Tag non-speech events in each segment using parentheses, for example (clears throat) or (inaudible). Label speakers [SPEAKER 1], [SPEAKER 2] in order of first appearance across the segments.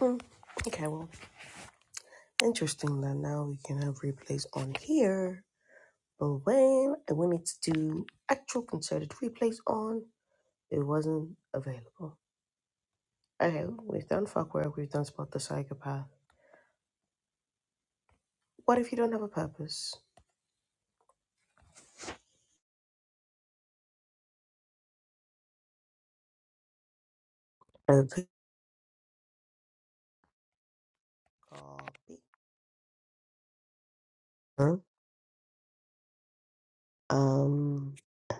[SPEAKER 1] Hmm. Okay, well, interesting that now we can have replays on here. But when I wanted to do actual concerted replays on, it wasn't available. Okay, we've done fuck work, we've done spot the psychopath. What if you don't have a purpose? Okay. Copy. Huh? Um,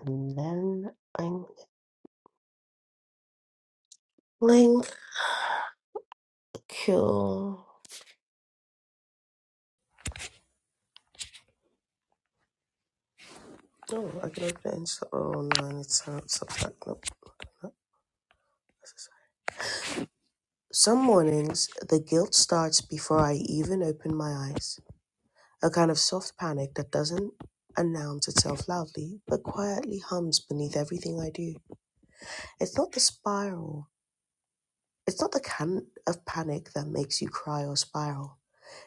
[SPEAKER 1] and then I'm link kill. Oh, I can open it. in- Oh no, and it's uh, Substack. Nope. not Some mornings, the guilt starts before I even open my eyes, a kind of soft panic that doesn't announce itself loudly, but quietly hums beneath everything I do. It's not the spiral, it's not the kind of panic that makes you cry or spiral.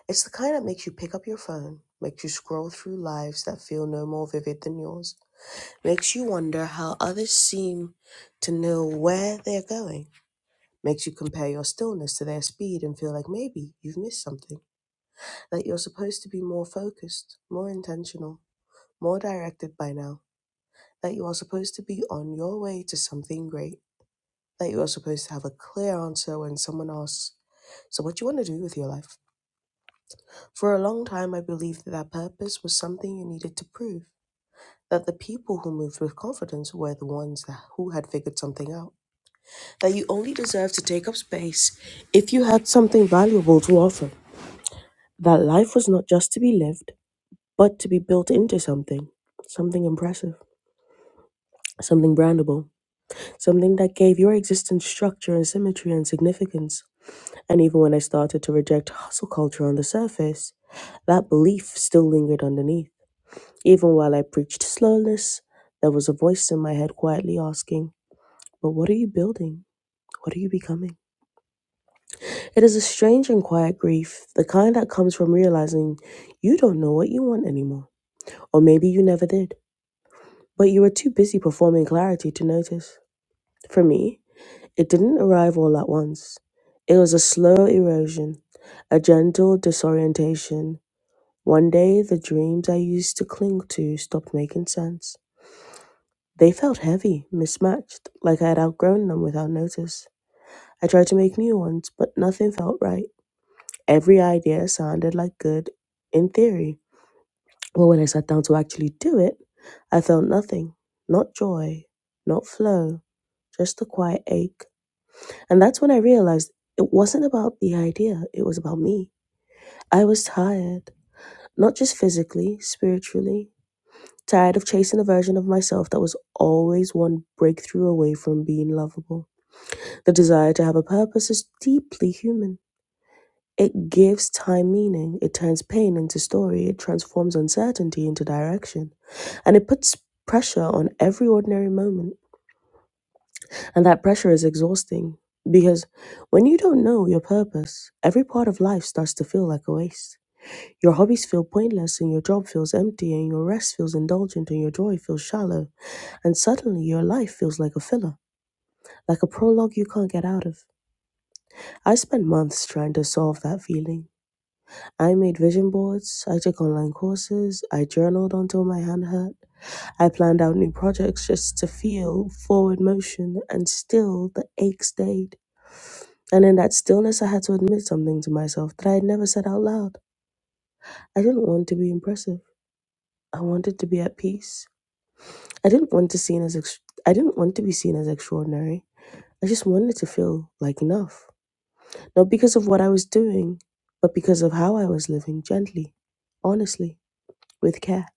[SPEAKER 1] It's the kind that makes you pick up your phone, makes you scroll through lives that feel no more vivid than yours, makes you wonder how others seem to know where they're going, makes you compare your stillness to their speed and feel like maybe you've missed something. that you're supposed to be more focused, more intentional, more directed by now, that you are supposed to be on your way to something great, that you are supposed to have a clear answer when someone asks, So, what do you want to do with your life? For a long time, I believed that that purpose was something you needed to prove. That the people who moved with confidence were the ones that, who had figured something out. That you only deserved to take up space if you had something valuable to offer. That life was not just to be lived, but to be built into something, something impressive, something brandable, something that gave your existence structure and symmetry and significance. And even when I started to reject hustle culture on the surface, that belief still lingered underneath. Even while I preached slowness, there was a voice in my head quietly asking, But what are you building? What are you becoming? It is a strange and quiet grief, the kind that comes from realizing you don't know what you want anymore, or maybe you never did. But you were too busy performing clarity to notice. For me, it didn't arrive all at once. It was a slow erosion, a gentle disorientation. One day, the dreams I used to cling to stopped making sense. They felt heavy, mismatched, like I had outgrown them without notice. I tried to make new ones, but nothing felt right. Every idea sounded like good in theory, but when I sat down to actually do it, I felt nothing. Not joy, not flow, just a quiet ache. And that's when I realized it wasn't about the idea, it was about me. I was tired, not just physically, spiritually, tired of chasing a version of myself that was always one breakthrough away from being lovable. The desire to have a purpose is deeply human. It gives time meaning, it turns pain into story, it transforms uncertainty into direction, and it puts pressure on every ordinary moment. And that pressure is exhausting because when you don't know your purpose, every part of life starts to feel like a waste. Your hobbies feel pointless, and your job feels empty, and your rest feels indulgent, and your joy feels shallow. And suddenly, your life feels like a filler, like a prologue you can't get out of. I spent months trying to solve that feeling. I made vision boards, I took online courses, I journaled until my hand hurt. I planned out new projects just to feel forward motion, and still the ache stayed. And in that stillness, I had to admit something to myself that I had never said out loud. I didn't want to be impressive. I wanted to be at peace. I didn't want to seen as ex- I didn't want to be seen as extraordinary. I just wanted to feel like enough. Not because of what I was doing, but because of how I was living gently, honestly, with care.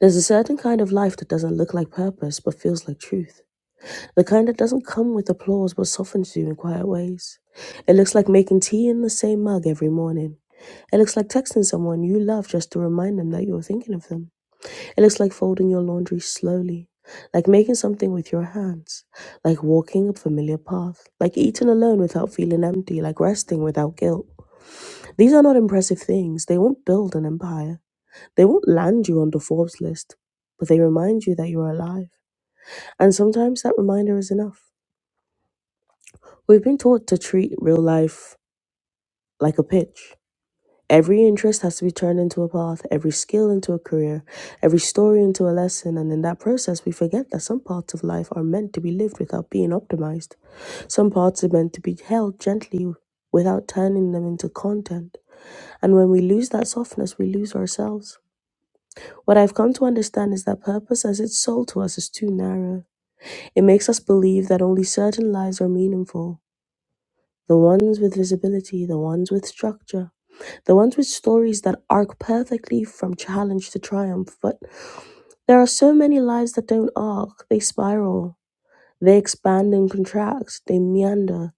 [SPEAKER 1] There's a certain kind of life that doesn't look like purpose but feels like truth. the kind that doesn't come with applause but softens you in quiet ways. It looks like making tea in the same mug every morning. It looks like texting someone you love just to remind them that you're thinking of them. It looks like folding your laundry slowly, like making something with your hands, like walking a familiar path, like eating alone without feeling empty, like resting without guilt. These are not impressive things. They won't build an empire. They won't land you on the Forbes list, but they remind you that you're alive. And sometimes that reminder is enough. We've been taught to treat real life like a pitch. Every interest has to be turned into a path, every skill into a career, every story into a lesson, and in that process, we forget that some parts of life are meant to be lived without being optimized. Some parts are meant to be held gently without turning them into content. And when we lose that softness, we lose ourselves. What I've come to understand is that purpose as it's sold to us is too narrow. It makes us believe that only certain lives are meaningful the ones with visibility, the ones with structure, the ones with stories that arc perfectly from challenge to triumph. But there are so many lives that don't arc, they spiral, they expand and contract, they meander,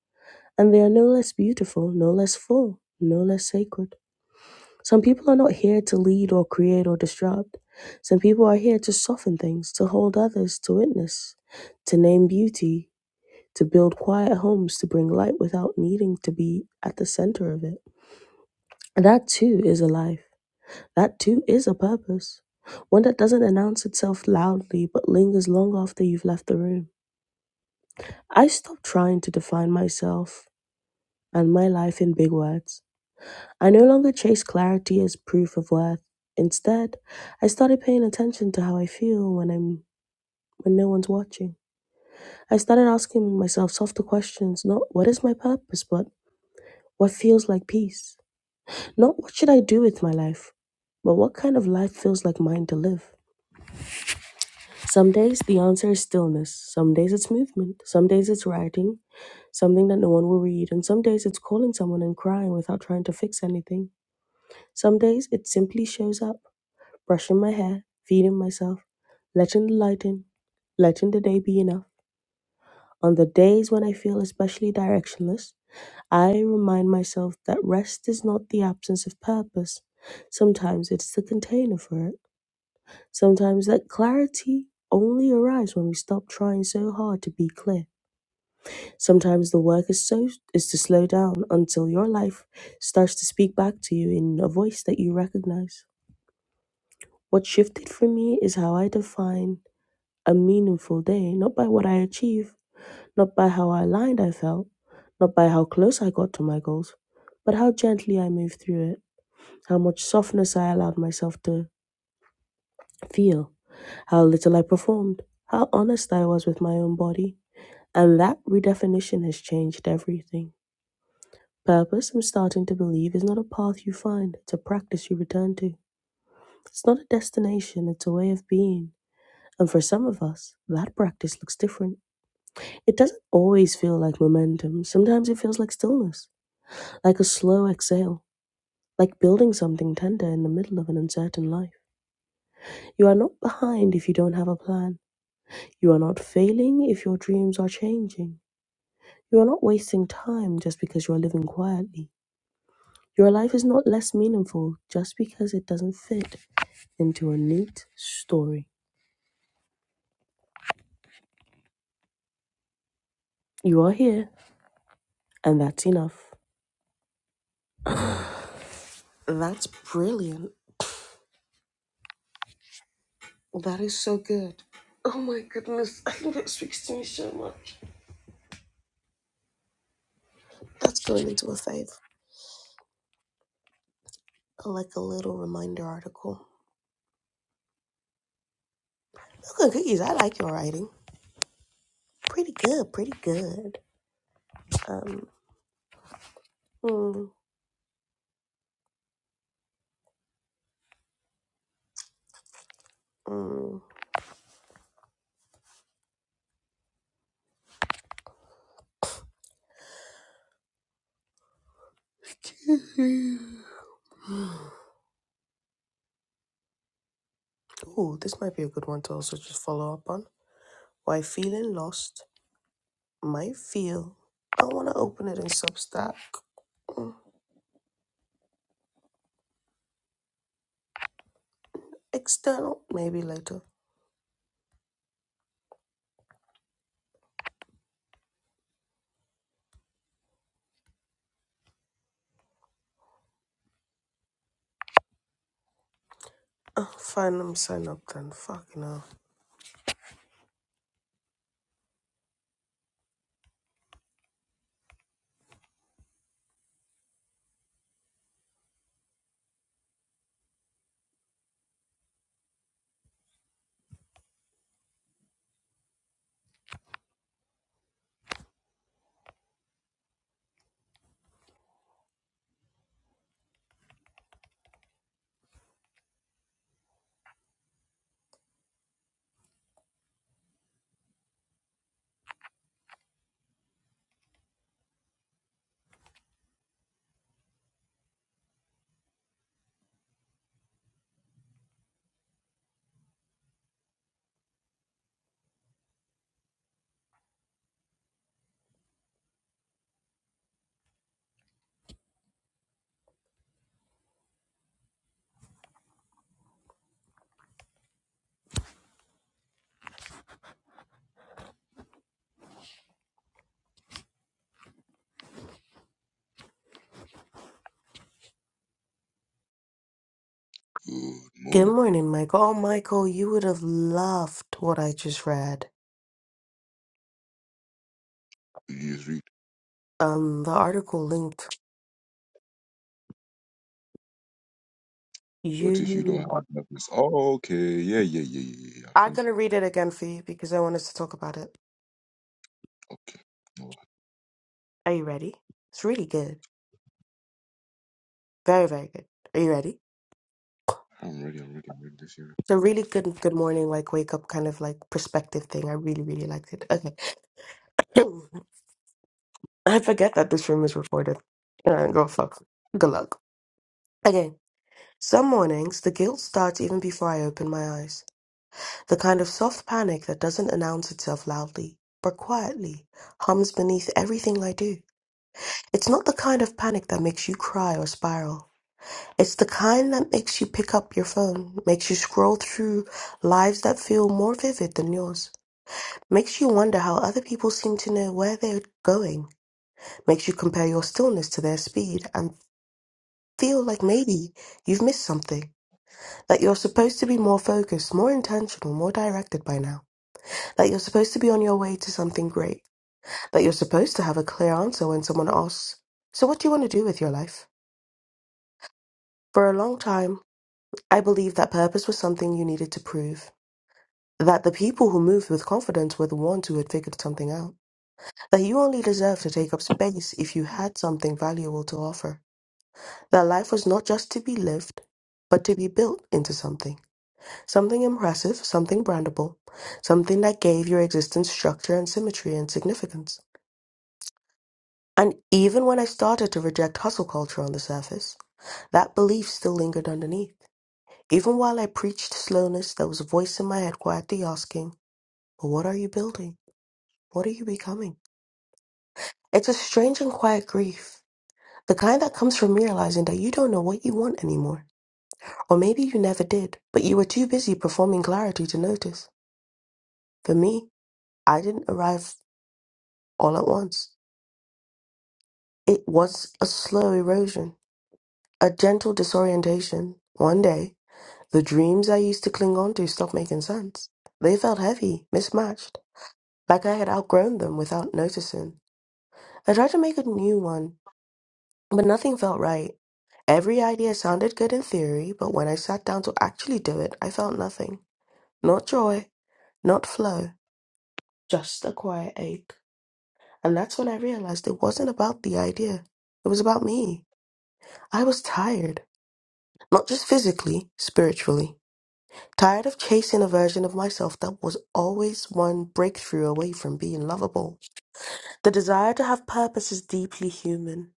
[SPEAKER 1] and they are no less beautiful, no less full, no less sacred. Some people are not here to lead or create or disrupt. Some people are here to soften things, to hold others, to witness, to name beauty, to build quiet homes, to bring light without needing to be at the center of it. That too is a life. That too is a purpose. One that doesn't announce itself loudly but lingers long after you've left the room. I stopped trying to define myself and my life in big words. I no longer chase clarity as proof of worth. Instead, I started paying attention to how I feel when I'm when no one's watching. I started asking myself softer questions, not what is my purpose, but what feels like peace. Not what should I do with my life, but what kind of life feels like mine to live. Some days the answer is stillness, some days it's movement, some days it's writing, something that no one will read, and some days it's calling someone and crying without trying to fix anything. Some days it simply shows up, brushing my hair, feeding myself, letting the light in, letting the day be enough. On the days when I feel especially directionless, I remind myself that rest is not the absence of purpose. Sometimes it's the container for it. Sometimes that clarity only arrives when we stop trying so hard to be clear. Sometimes the work is so is to slow down until your life starts to speak back to you in a voice that you recognize. What shifted for me is how I define a meaningful day, not by what I achieve, not by how aligned I felt, not by how close I got to my goals, but how gently I moved through it, how much softness I allowed myself to feel how little I performed, how honest I was with my own body. And that redefinition has changed everything. Purpose, I'm starting to believe, is not a path you find, it's a practice you return to. It's not a destination, it's a way of being. And for some of us, that practice looks different. It doesn't always feel like momentum, sometimes it feels like stillness, like a slow exhale, like building something tender in the middle of an uncertain life. You are not behind if you don't have a plan. You are not failing if your dreams are changing. You are not wasting time just because you are living quietly. Your life is not less meaningful just because it doesn't fit into a neat story. You are here, and that's enough. That's brilliant. That is so good. Oh my goodness, (laughs) I think that speaks to me so much. That's going into a fave. I like a little reminder article. Milk and cookies, I like your writing. Pretty good, pretty good. Um, mm, mm. (laughs) Oh, this might be a good one to also just follow up on. Why feeling lost might feel. I want to open it in Substack. Mm, External, maybe later. Uh, fine, I'm sign up then. Fucking hell.
[SPEAKER 2] Good
[SPEAKER 1] Good
[SPEAKER 2] morning.
[SPEAKER 1] morning, Michael. Oh, Michael, you would have loved what I just read.
[SPEAKER 2] You just read.
[SPEAKER 1] Um, the article linked.
[SPEAKER 2] What if you don't
[SPEAKER 1] You
[SPEAKER 2] have a purpose? Oh, okay. Yeah, yeah, yeah, yeah, yeah. yeah. I
[SPEAKER 1] I'm
[SPEAKER 2] think.
[SPEAKER 1] gonna read it again for you because I want us to talk about it.
[SPEAKER 2] Okay. Oh,
[SPEAKER 1] Are you ready? It's really good. Very, very good. Are you ready?
[SPEAKER 2] I'm ready. I'm ready. I'm ready this year.
[SPEAKER 1] a really good good morning, like wake up kind of like perspective thing. I really, really liked it. Okay. (clears throat) I forget that this room is recorded. Uh, go fuck. Good luck. Okay. Some mornings, the guilt starts even before I open my eyes. The kind of soft panic that doesn't announce itself loudly, but quietly, hums beneath everything I do. It's not the kind of panic that makes you cry or spiral. It's the kind that makes you pick up your phone, makes you scroll through lives that feel more vivid than yours Makes you wonder how other people seem to know where they're going. Makes you compare your stillness to their speed and feel like maybe you've missed something. That you're supposed to be more focused, more intentional, more directed by now. That you're supposed to be on your way to something great. That you're supposed to have a clear answer when someone asks, So what do you want to do with your life? For a long time, I believed that purpose was something you needed to prove. That the people who moved with confidence were the ones who had figured something out that you only deserved to take up space if you had something valuable to offer, that life was not just to be lived, but to be built into something something impressive, something brandable, something that gave your existence structure and symmetry and significance. And even when I started to reject hustle culture on the surface, that belief still lingered underneath. Even while I preached slowness, there was a voice in my head quietly asking, "But what are you building? What are you becoming? It's a strange and quiet grief The kind that comes from realizing that you don't know what you want anymore. Or maybe you never did, but you were too busy performing clarity to notice. For me, I didn't arrive all at once. It was a slow erosion, a gentle disorientation. One day, the dreams I used to cling on to stopped making sense. They felt heavy, mismatched, like I had outgrown them without noticing. I tried to make a new one, but nothing felt right. Every idea sounded good in theory, but when I sat down to actually do it, I felt nothing. Not joy, not flow, just a quiet ache. And that's when I realized it wasn't about the idea. It was about me. I was tired, not just physically, spiritually. Tired of chasing a version of myself that was always one breakthrough away from being lovable. The desire to have purpose is deeply human.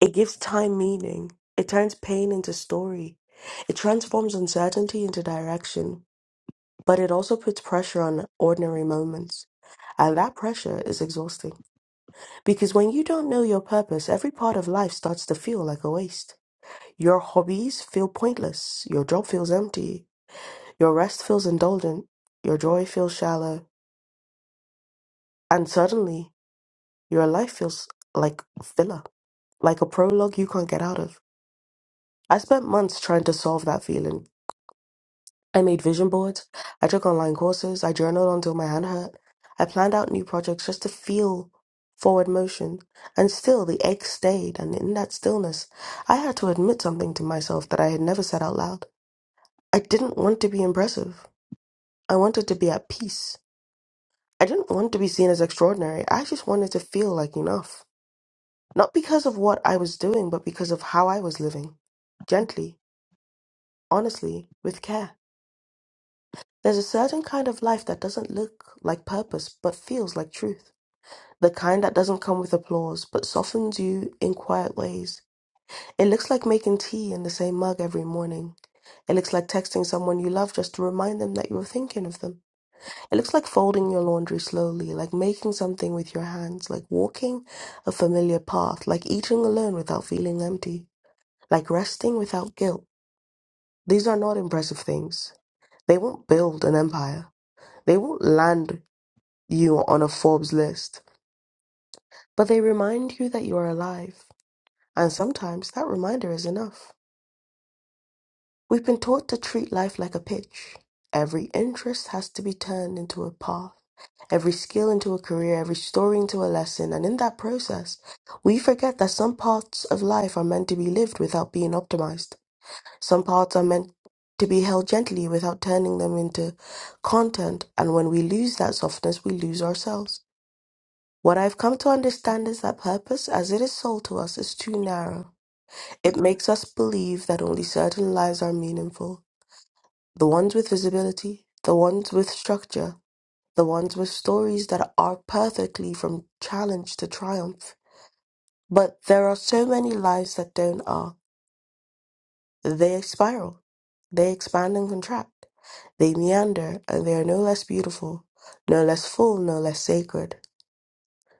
[SPEAKER 1] It gives time meaning. It turns pain into story. It transforms uncertainty into direction. but it also puts pressure on ordinary moments. And that pressure is exhausting because when you don't know your purpose, every part of life starts to feel like a waste. Your hobbies feel pointless, your job feels empty, your rest feels indulgent, your joy feels shallow, and suddenly your life feels like filler, like a prologue you can't get out of. I spent months trying to solve that feeling I made vision boards. I took online courses. I journaled until my hand hurt. I planned out new projects just to feel forward motion. And still, the ache stayed. And in that stillness, I had to admit something to myself that I had never said out loud. I didn't want to be impressive. I wanted to be at peace. I didn't want to be seen as extraordinary. I just wanted to feel like enough. Not because of what I was doing, but because of how I was living. Gently, honestly, with care. There's a certain kind of life that doesn't look like purpose but feels like truth. The kind that doesn't come with applause but softens you in quiet ways. It looks like making tea in the same mug every morning. It looks like texting someone you love just to remind them that you're thinking of them. It looks like folding your laundry slowly, like making something with your hands, like walking a familiar path, like eating alone without feeling empty, like resting without guilt. These are not impressive things. They won't build an empire. They won't land you are on a Forbes list, but they remind you that you are alive. And sometimes that reminder is enough. We've been taught to treat life like a pitch. Every interest has to be turned into a path, every skill into a career, every story into a lesson. And in that process, we forget that some parts of life are meant to be lived without being optimized. Some parts are meant to be held gently without turning them into content. And when we lose that softness, we lose ourselves. What I've come to understand is that purpose, as it is sold to us, is too narrow. It makes us believe that only certain lives are meaningful the ones with visibility, the ones with structure, the ones with stories that are perfectly from challenge to triumph. But there are so many lives that don't are. They spiral, they expand and contract, they meander, and they are no less beautiful, no less full, no less sacred.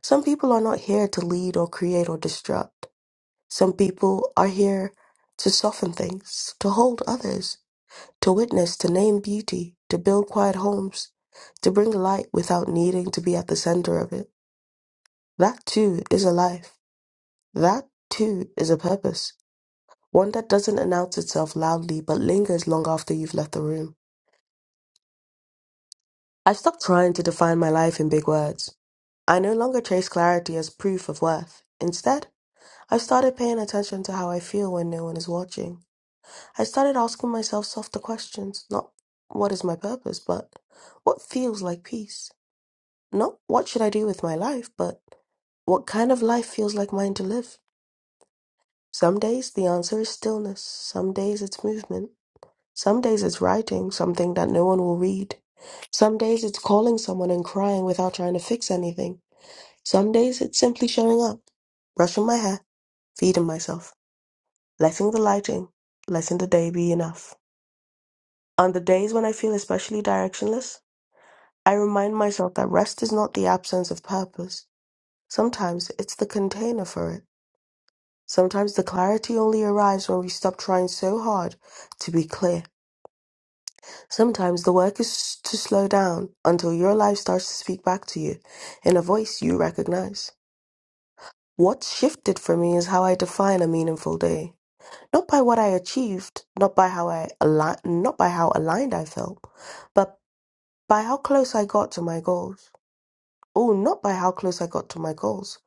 [SPEAKER 1] Some people are not here to lead or create or disrupt. Some people are here to soften things, to hold others, to witness, to name beauty, to build quiet homes, to bring light without needing to be at the center of it. That too is a life. That too is a purpose. One that doesn't announce itself loudly but lingers long after you've left the room. I've stopped trying to define my life in big words. I no longer chase clarity as proof of worth. Instead, I've started paying attention to how I feel when no one is watching I started asking myself softer questions, not what is my purpose, but what feels like peace. Not what should I do with my life, but what kind of life feels like mine to live. Some days the answer is stillness, some days it's movement, some days it's writing something that no one will read, some days it's calling someone and crying without trying to fix anything, some days it's simply showing up, brushing my hair, feeding myself, letting the lighting, letting the day be enough. On the days when I feel especially directionless, I remind myself that rest is not the absence of purpose. Sometimes it's the container for it. Sometimes the clarity only arrives when we stop trying so hard to be clear. Sometimes the work is to slow down until your life starts to speak back to you in a voice you recognize. What's shifted for me is how I define a meaningful day. Not by what I achieved, not by how I ali- not by how aligned I felt, but by how close I got to my goals. Oh, not by how close I got to my goals,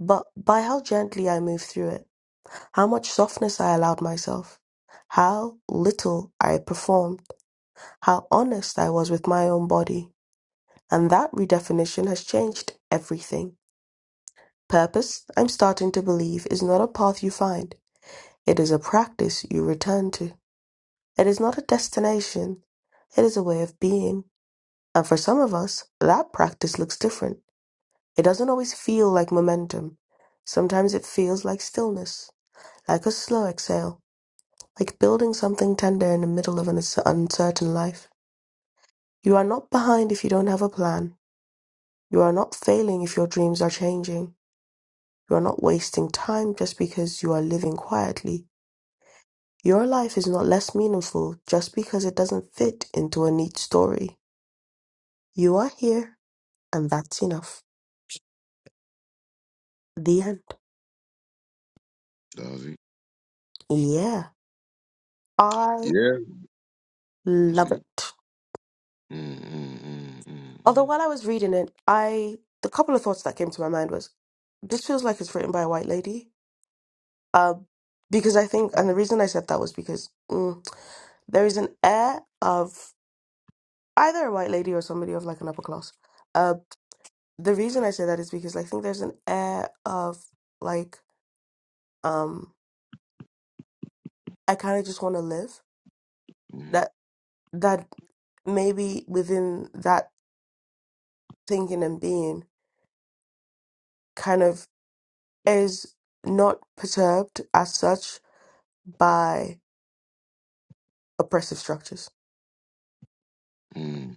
[SPEAKER 1] but by how gently I moved through it, how much softness I allowed myself, how little I performed, how honest I was with my own body. And that redefinition has changed everything. Purpose, I'm starting to believe, is not a path you find, it is a practice you return to. It is not a destination, it is a way of being. And for some of us, that practice looks different. It doesn't always feel like momentum. Sometimes it feels like stillness, like a slow exhale, like building something tender in the middle of an uncer- uncertain life. You are not behind if you don't have a plan. You are not failing if your dreams are changing. You are not wasting time just because you are living quietly. Your life is not less meaningful just because it doesn't fit into a neat story. You are here, and that's enough. The end.
[SPEAKER 2] That was it.
[SPEAKER 1] Yeah. I
[SPEAKER 2] Yeah. I see
[SPEAKER 1] love
[SPEAKER 2] you.
[SPEAKER 1] it.
[SPEAKER 2] Mm, mm, mm,
[SPEAKER 1] Although
[SPEAKER 2] mm,
[SPEAKER 1] while I was reading it, I the couple of thoughts that came to my mind was this feels like it's written by a white lady. Um, because I think, and the reason I said that was because mm, there is an air of either a white lady or somebody of like an upper class. Uh, the reason I say that is because I think there's an air of like um, I kind of just want to live
[SPEAKER 2] mm,
[SPEAKER 1] that that maybe within that thinking and being kind of is not perturbed as such by. oppressive structures.
[SPEAKER 2] mm, mm.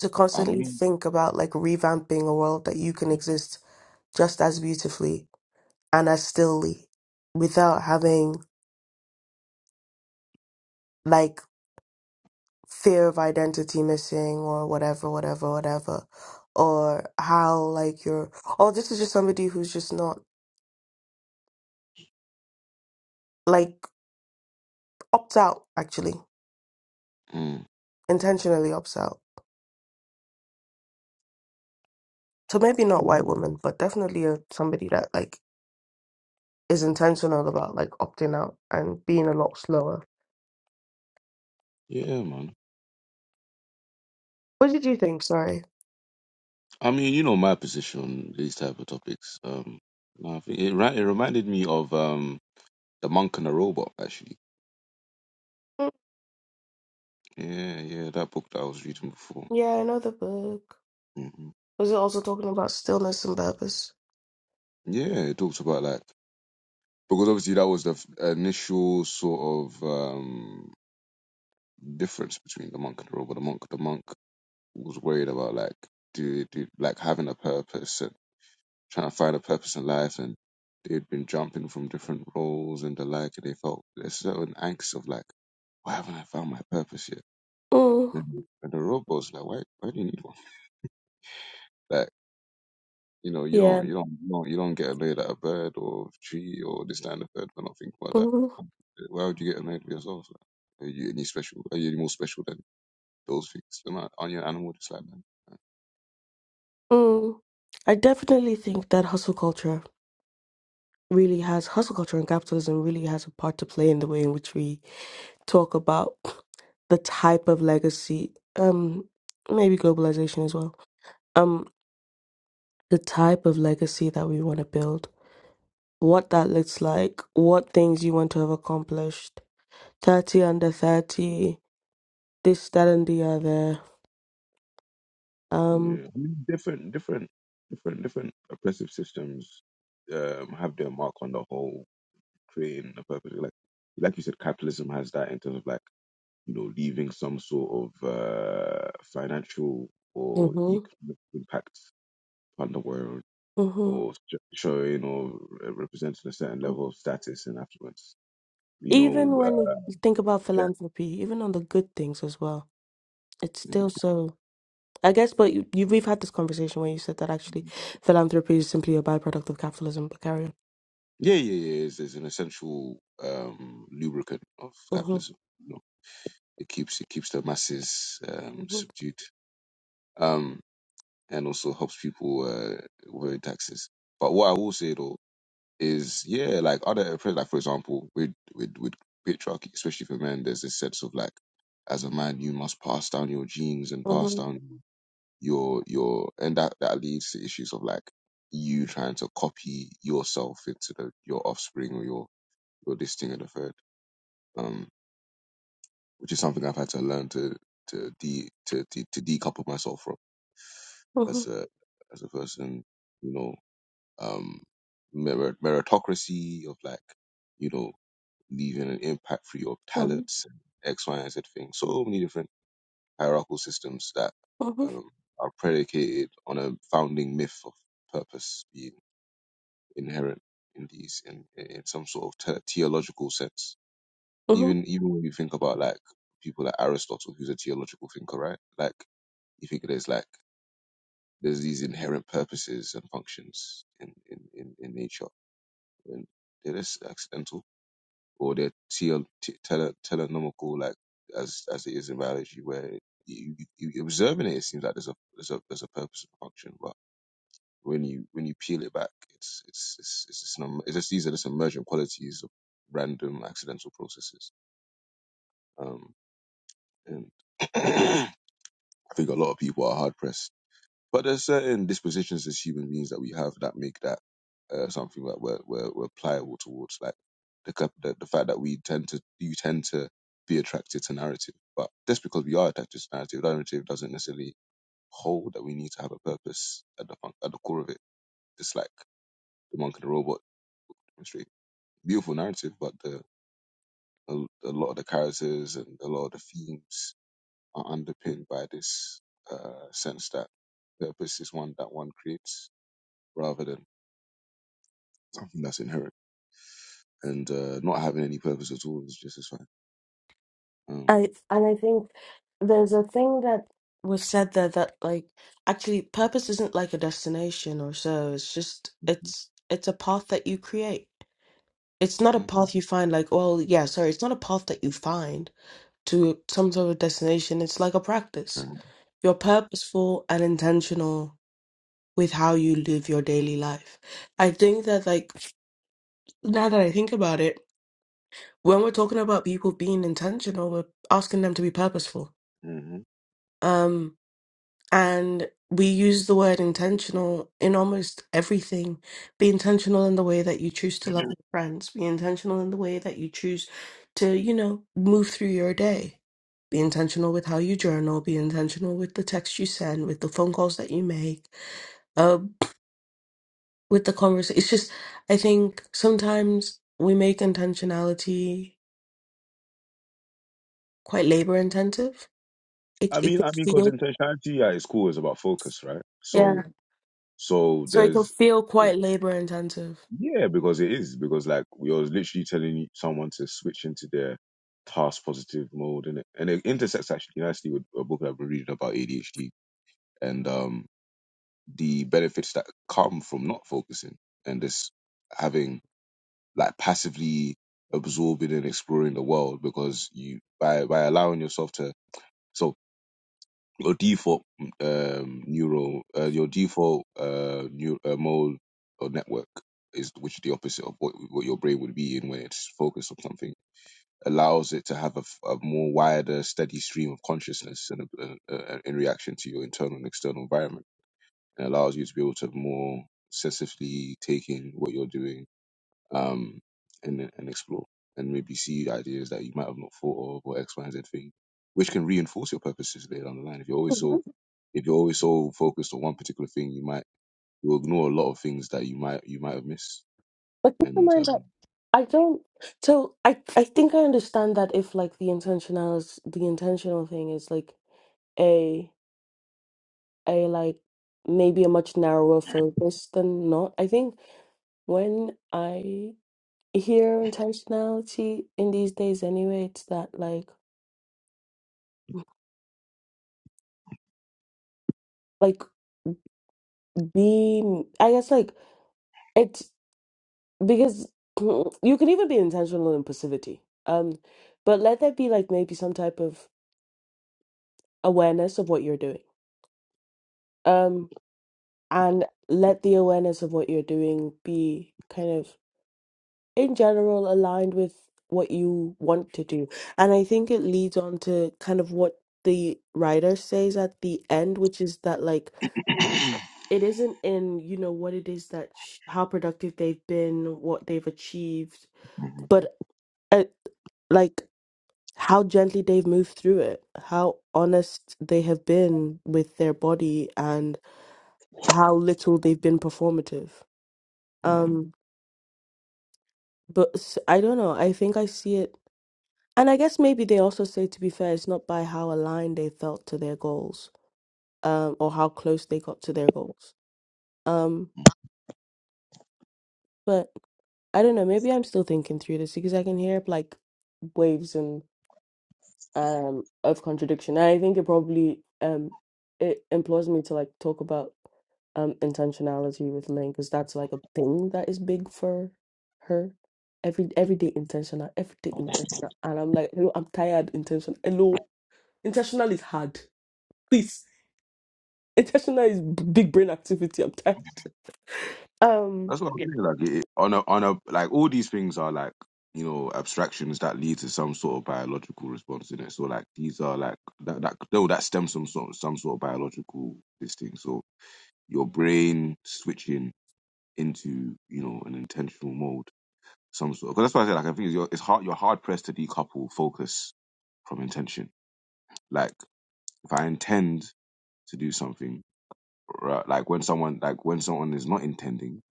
[SPEAKER 1] To
[SPEAKER 2] I
[SPEAKER 1] constantly
[SPEAKER 2] mean,
[SPEAKER 1] think about like revamping a world that you can exist just as beautifully and as stillly without having like fear of identity missing or whatever, whatever, whatever. Or how like you're oh, this is just somebody who's just not like opts out actually.
[SPEAKER 2] mm,
[SPEAKER 1] Intentionally opts out. So maybe not
[SPEAKER 2] mm.
[SPEAKER 1] white woman, but definitely a, somebody that like is intentional about like opting out and being a lot slower.
[SPEAKER 2] yeah, man.
[SPEAKER 1] What did you think? Sorry.
[SPEAKER 2] I mean, you know my position, these type of topics. Um, no, I think it, ri- it reminded me of um, The Monk and the Robot, actually. Yeah, yeah, that book that I was reading before.
[SPEAKER 1] Yeah, I know the book.
[SPEAKER 2] hmm
[SPEAKER 1] Was it also talking about stillness and purpose?
[SPEAKER 2] Yeah, it talks about like because obviously that was the f- initial sort of um difference between the monk and the robber. The monk, the monk was worried about like do, do like having a purpose and trying to find a purpose in life, and they'd been jumping from different roles and the like, and they felt a certain angst of like, why haven't I found my purpose yet?
[SPEAKER 1] Mm,
[SPEAKER 2] And and the robot was like, why, why do you need one? Like. You know, you
[SPEAKER 1] yeah.
[SPEAKER 2] don't, you don't, you don't, you don't get annoyed at a bird or tree or this that, and the third for think about that.
[SPEAKER 1] Mm,
[SPEAKER 2] Um, Why would you get annoyed with yourself? Like, Are you any special? Are you any more special than those things? You're not, aren't you an animal just like them?
[SPEAKER 1] mm. I definitely think that hustle culture really has, hustle culture and capitalism really has a part to play in the way in which we talk about the type of legacy, um, maybe globalization as well, um, the type of legacy that we want to build, what that looks like, what things you want to have accomplished, 30 under 30, this, that, and the other. um,
[SPEAKER 2] Yeah, I mean, different, different, different, different oppressive systems um, have their mark on the whole creating a purpose. Like, like you said, capitalism has that in terms of like you know leaving some sort of uh, financial or
[SPEAKER 1] Mm-hmm.
[SPEAKER 2] economic impact on the world.
[SPEAKER 1] Mm-hmm.
[SPEAKER 2] or sh- showing or uh, representing a certain level of status and affluence. You
[SPEAKER 1] Even
[SPEAKER 2] know, uh,
[SPEAKER 1] when you think about
[SPEAKER 2] yeah,
[SPEAKER 1] philanthropy, even on the good things as well, it's still
[SPEAKER 2] Mm.
[SPEAKER 1] so. I guess, but you, you we've had this conversation where you said that actually philanthropy is simply a byproduct of capitalism. But carry on.
[SPEAKER 2] yeah, yeah, yeah. It's, it's an essential um, lubricant of
[SPEAKER 1] Mm-hmm.
[SPEAKER 2] capitalism. You know, it keeps it keeps the masses um,
[SPEAKER 1] Mm-hmm.
[SPEAKER 2] subdued, um, and also helps people uh, avoid taxes. But what I will say though is, yeah, like other like for example, with with with patriarchy, especially for men, there's this sense of like, as a man, you must pass down your genes and pass
[SPEAKER 1] Mm-hmm.
[SPEAKER 2] down. your your and that that leads to issues of like you trying to copy yourself into the your offspring or your your this thing and the third um which is something i've had to learn to to de to, to, to decouple myself from
[SPEAKER 1] Mm-hmm.
[SPEAKER 2] as a as a person you know um merit, meritocracy of like you know leaving an impact through your
[SPEAKER 1] Mm-hmm.
[SPEAKER 2] talents and x y and z things so many different hierarchical systems that
[SPEAKER 1] Mm-hmm.
[SPEAKER 2] um, are predicated on a founding myth of purpose being inherent in these in, in some sort of te- theological sense
[SPEAKER 1] Mm-hmm.
[SPEAKER 2] even even when you think about like people like aristotle who's a theological thinker right like you think there's like there's these inherent purposes and functions in in in, in nature and they're just accidental or they're tele, tele, telenomical, like as as it is in biology, where you, you, you observing it, it seems like there's a there's a there's a purpose and function, but when you when you peel it back, it's it's it's it's just, an, it's just these are just emergent qualities of random accidental processes, um, and (clears throat) I think a lot of people are hard pressed But there's certain dispositions as human beings that we have that make that uh, something that we're, we're we're pliable towards, like the, cap- the the fact that we tend to you tend to be attracted to narrative. But just because we are attracted to narrative, that narrative doesn't necessarily hold that we need to have a purpose at the fun- at the core of it. It's like the monk and the robot demonstrate beautiful narrative, but the a, a lot of the characters and a lot of the themes are underpinned by this uh, sense that purpose is one that one creates rather than I think that's inherent. And uh, not having any purpose at all is just as fine. Um,
[SPEAKER 1] I and I think there's a thing that was said there that like actually purpose isn't like a destination or so. It's just it's it's a path that you create It's not a
[SPEAKER 2] mhm,
[SPEAKER 1] path you find like, well, yeah, sorry, it's not a path that you find to some sort of destination. It's like a practice.
[SPEAKER 2] mhm,
[SPEAKER 1] You're purposeful and intentional with how you live your daily life. I think that, like, now that I think about it, when we're talking about people being intentional, we're asking them to be purposeful.
[SPEAKER 2] mhm.
[SPEAKER 1] Um, And we use the word intentional in almost everything. Be intentional in the way that you choose to love your friends. Be intentional in the way that you choose to, you know, move through your day. Be intentional with how you journal. Be intentional with the texts you send, with the phone calls that you make, uh, with the conversation. It's just, I think sometimes we make intentionality quite labor intensive. It,
[SPEAKER 2] I
[SPEAKER 1] it
[SPEAKER 2] mean,
[SPEAKER 1] can
[SPEAKER 2] I mean, because
[SPEAKER 1] feel,
[SPEAKER 2] intentionality at its core is about focus, right?
[SPEAKER 1] yeah.
[SPEAKER 2] So, so
[SPEAKER 1] So it can
[SPEAKER 2] there's,
[SPEAKER 1] feel
[SPEAKER 2] it,
[SPEAKER 1] quite labor intensive.
[SPEAKER 2] yeah, because it is because like we are literally telling someone to switch into their task positive mode, and it, and it intersects actually nicely with a book that I've been reading about ADHD and um the benefits that come from not focusing and just having like passively absorbing and exploring the world because you by by allowing yourself to so your default mm, um neural uh, your default uh, neural uh mode or network is which is the opposite of what what your brain would be in when it's focused on something allows it to have a, f- a more wider steady stream of consciousness and uh, uh, in reaction to your internal and external environment and allows you to be able to more sensitively take in what you're doing um, and and explore and maybe see ideas that you might have not thought of or X, Y, and Z thing, which can reinforce your purposes later down the line. If you're always
[SPEAKER 1] Mhm.
[SPEAKER 2] so if you're always so focused on one particular thing, you might you'll ignore a lot of things that you might you might have missed.
[SPEAKER 1] But keep in
[SPEAKER 2] And
[SPEAKER 1] mind that.
[SPEAKER 2] um,
[SPEAKER 1] I don't. So I I think I understand that if like the intentional is the intentional thing is like a a like maybe a much narrower focus than not. I think when I hear intentionality in these days anyway, it's that like like be I guess like it's because (clears throat) mm, you can even be intentional in passivity. Um, but let there be like maybe some type of awareness of what you're doing. Um. and let the awareness of what you're doing be kind of in general aligned with what you want to do. And I think it leads on to kind of what the writer says at the end, which is that like
[SPEAKER 2] (clears throat)
[SPEAKER 1] it isn't in, you know, what it is that sh- how productive they've been, what they've achieved,
[SPEAKER 2] Mhm,
[SPEAKER 1] but uh, like how gently they've moved through it, how honest they have been with their body and how little they've been performative.
[SPEAKER 2] mhm.
[SPEAKER 1] um. But s- I don't know. I think I see it. And I guess maybe they also say, to be fair, it's not by how aligned they felt to their goals, um, or how close they got to their goals. Um, but I don't know. Maybe I'm still thinking through this because I can hear like waves um of contradiction. I think it probably um it implores me to like talk about um intentionality with Lynn because that's like a thing that is big for her. Every everyday intentional, everyday intentional, and I'm like, hello, I'm tired. Intentional, hello, intentional is hard. Please, intentional is b- big brain activity. I'm tired. Um,
[SPEAKER 2] that's what I'm saying. Like it, it- on a on a like all these things are like you know abstractions that lead to some sort of biological response in it. So like these are like that that no that stems from some some sort of biological this thing. So your brain switching into you know an intentional mode, some sort. Because that's why I said like I think it's, your, it's hard. You're hard pressed to decouple focus from intention. Like if I intend to do something, right, like when someone like when someone is not intending,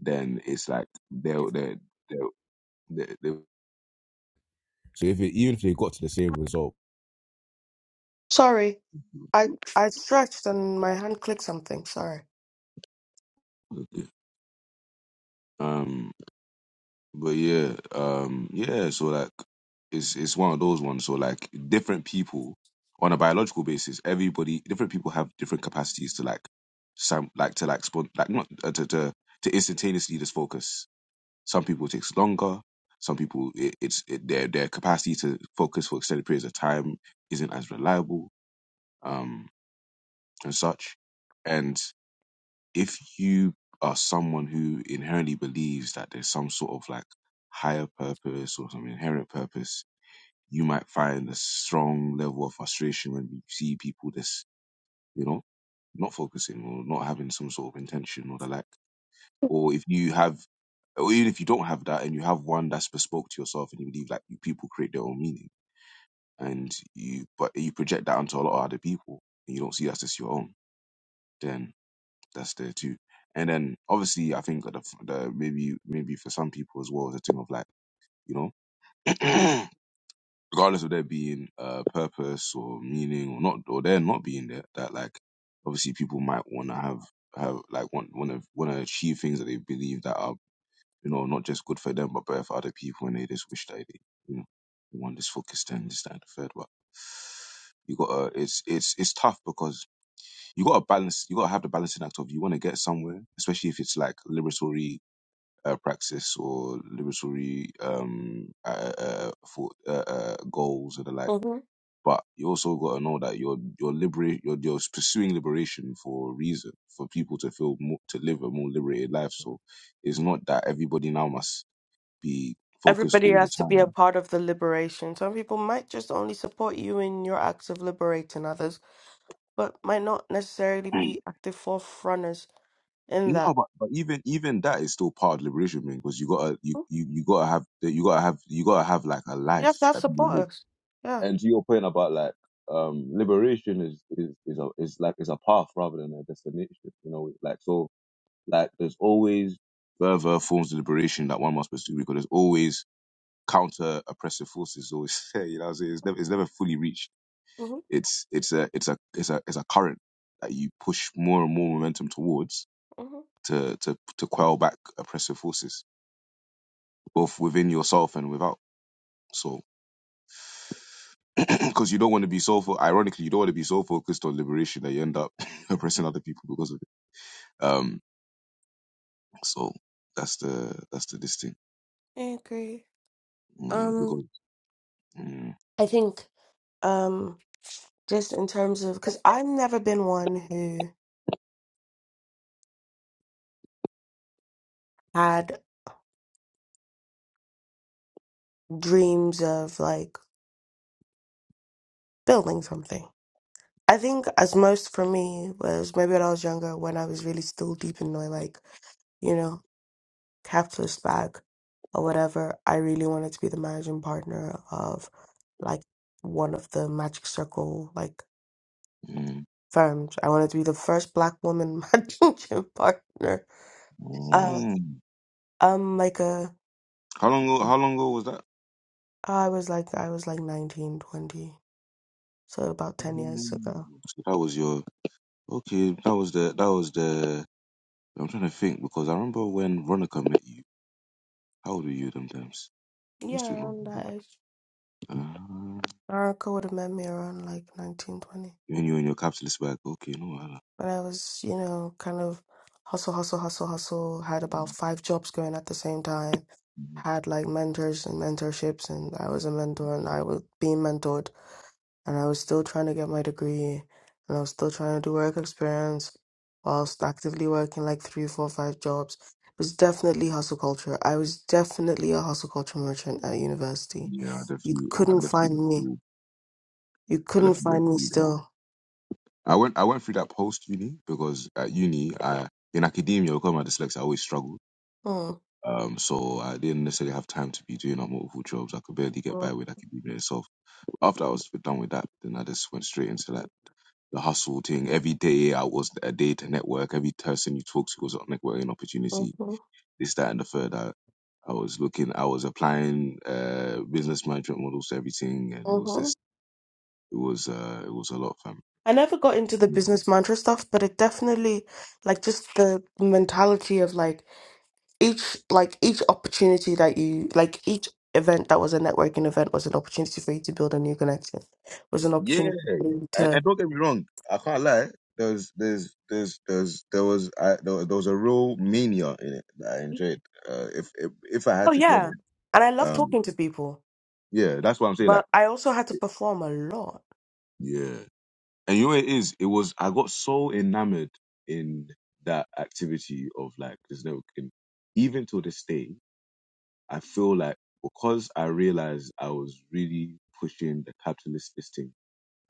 [SPEAKER 2] then it's like they'll they they they So if it, even if they got to the same result,
[SPEAKER 1] Sorry, I I stretched and my hand clicked something. Sorry.
[SPEAKER 2] um But yeah, um, yeah. So like, it's it's one of those ones. So like, different people on a biological basis, everybody, different people have different capacities to like, some like to like spon- like not uh, to to to instantaneously just focus. Some people it takes longer. Some people it, it's it, their their capacity to focus for extended periods of time isn't as reliable, um, and such if you are someone who inherently believes that there's some sort of like higher purpose or some inherent purpose, you might find a strong level of frustration when you see people just, you know, not focusing or not having some sort of intention or the like.
[SPEAKER 1] hmm
[SPEAKER 2] Or if you have, or even if you don't have that and you have one that's bespoke to yourself and you believe like you, people create their own meaning and you, but you project that onto a lot of other people and you don't see that's just your own, then. that's there too. And then obviously, I think the, the maybe maybe for some people as well, it's a thing of like you know, (clears throat) regardless of there being uh, purpose or meaning or not or there not being there, that like obviously people might want to have have like want want to want to achieve things that they believe that are you know not just good for them but better for other people, and they just wish that they you know they want this focus then this that and the third, but. You got to, it's it's it's tough because you got to balance you got to have the balancing act of you want to get somewhere especially if it's like liberatory uh, practice or liberatory um uh, uh, uh, for uh, uh, goals and the like but you also got to know that you're you're liberate you're, you're pursuing liberation for a reason for people to feel more to live a more liberated life so it's not that everybody now must be focused
[SPEAKER 1] Everybody
[SPEAKER 2] all the
[SPEAKER 1] has to be a
[SPEAKER 2] time
[SPEAKER 1] part of the liberation. Some people might just only support you in your acts of liberating others, but might not necessarily be active forefronters in
[SPEAKER 2] No,
[SPEAKER 1] that.
[SPEAKER 2] but, but even even that is still part of liberation, man. Because you gotta you,
[SPEAKER 1] Mm,
[SPEAKER 2] you you gotta have you gotta have you gotta have like a
[SPEAKER 1] You
[SPEAKER 2] life
[SPEAKER 1] have to have
[SPEAKER 2] that people live.
[SPEAKER 1] supporters. Yeah.
[SPEAKER 2] And to your point about like um liberation is is is a is like is a path rather than a destination. You know, like so like there's always further forms of liberation that one must pursue because there's always counter oppressive forces always (laughs) there. You know, what I'm saying it's never it's never fully reached.
[SPEAKER 1] hmm
[SPEAKER 2] It's it's a it's a it's a it's a current that you push more and more momentum towards
[SPEAKER 1] hmm
[SPEAKER 2] to to to quell back oppressive forces, both within yourself and without. So, (clears throat) because you don't want to be so fo- ironically, you don't want to be so focused on liberation that you end up (laughs) oppressing other people because of it. Um, so that's the that's the this thing.
[SPEAKER 1] I agree.
[SPEAKER 2] Mm,
[SPEAKER 1] Um,
[SPEAKER 2] because mm,
[SPEAKER 1] I think um just in terms of because I've never been one who had dreams of like building something. I think as most for me was maybe when I was younger, when I was really still deep in my like, you know, capitalist bag or whatever, I really wanted to be the managing partner of like one of the Magic Circle like
[SPEAKER 2] mm,
[SPEAKER 1] firms. I wanted to be the first black woman (laughs) managing partner. Uh,
[SPEAKER 2] mm.
[SPEAKER 1] um, like a
[SPEAKER 2] how long ago, how long ago was that?
[SPEAKER 1] I was like I was like 19 20, So about 10 years
[SPEAKER 2] Mm.
[SPEAKER 1] ago.
[SPEAKER 2] So that was your okay. That was the that was the. I'm trying to think because I remember when Veronica met you. How old were you them times?
[SPEAKER 1] Yeah,
[SPEAKER 2] Must be
[SPEAKER 1] around that age.
[SPEAKER 2] long.
[SPEAKER 1] Erica would have met me around like nineteen twenty.
[SPEAKER 2] And you and your capsule's back. Okay, no Allah.
[SPEAKER 1] 20. When I was, you know, kind of hustle, hustle, hustle, hustle, had about five jobs going at the same time, had like mentors and mentorships, and I was a mentor and I was being mentored. and I was still trying to get my degree, and I was still trying to do work experience whilst actively working like three, four, five jobs. It was definitely hustle culture. I was definitely a hustle culture merchant at university.
[SPEAKER 2] Yeah, I
[SPEAKER 1] You
[SPEAKER 2] definitely, I
[SPEAKER 1] couldn't
[SPEAKER 2] definitely went
[SPEAKER 1] find me.
[SPEAKER 2] through,
[SPEAKER 1] You
[SPEAKER 2] I
[SPEAKER 1] couldn't
[SPEAKER 2] definitely went
[SPEAKER 1] find me
[SPEAKER 2] through that.
[SPEAKER 1] still.
[SPEAKER 2] I went, I went through that post uni because at uni, I in academia because of my dyslexia, I always struggled.
[SPEAKER 1] Mm,
[SPEAKER 2] Um, so I didn't necessarily have time to be doing up multiple jobs. I could barely get
[SPEAKER 1] mm,
[SPEAKER 2] by with academia itself. After I was done with that, then I just went straight into that
[SPEAKER 1] mm,
[SPEAKER 2] the hustle thing. Every day I was a day to network. Every person you talk to was a networking opportunity
[SPEAKER 1] mhm,
[SPEAKER 2] this, that, and the third. I, I was looking, I was applying uh, business management models to everything, and it was
[SPEAKER 1] mhm.
[SPEAKER 2] just, it was, uh, it was a lot, fam.
[SPEAKER 1] I never got into the business mantra stuff, but it definitely, like, just the mentality of like each like each opportunity that you like each event that was a networking event was an opportunity for you to build a new connection was an
[SPEAKER 2] Yeah,
[SPEAKER 1] opportunity for you
[SPEAKER 2] and,
[SPEAKER 1] to
[SPEAKER 2] and don't get me wrong, I can't lie. There's, there's, there's, there's, there was, I, there, was- there was a real mania in it that I enjoyed. Uh, if, if, if I
[SPEAKER 1] oh
[SPEAKER 2] had to be
[SPEAKER 1] yeah
[SPEAKER 2] honest,
[SPEAKER 1] and i love
[SPEAKER 2] um,
[SPEAKER 1] talking to people
[SPEAKER 2] yeah, that's what I'm saying. Like,
[SPEAKER 1] but i also had to perform a lot
[SPEAKER 2] yeah, and you know, what it is, it was. I got so enamored in that activity of like this networking, even to this day. I feel like because I realized I was really pushing the capitalist system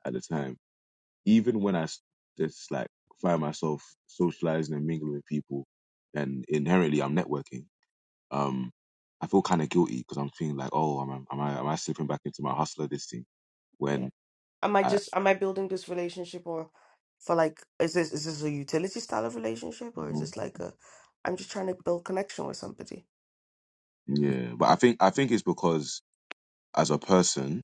[SPEAKER 2] at the time, even when I s- just like find myself socializing and mingling with people, and inherently I'm networking, um, I feel kind of guilty because I'm feeling like, oh, am I, am I am I slipping back into my hustler this thing?
[SPEAKER 1] Yeah.
[SPEAKER 2] When
[SPEAKER 1] Am I
[SPEAKER 2] I
[SPEAKER 1] just am I building this relationship or for like is this is this a utility style of relationship or is this like a I'm just trying to build connection with somebody?
[SPEAKER 2] yeah, but I think I think it's because as a person,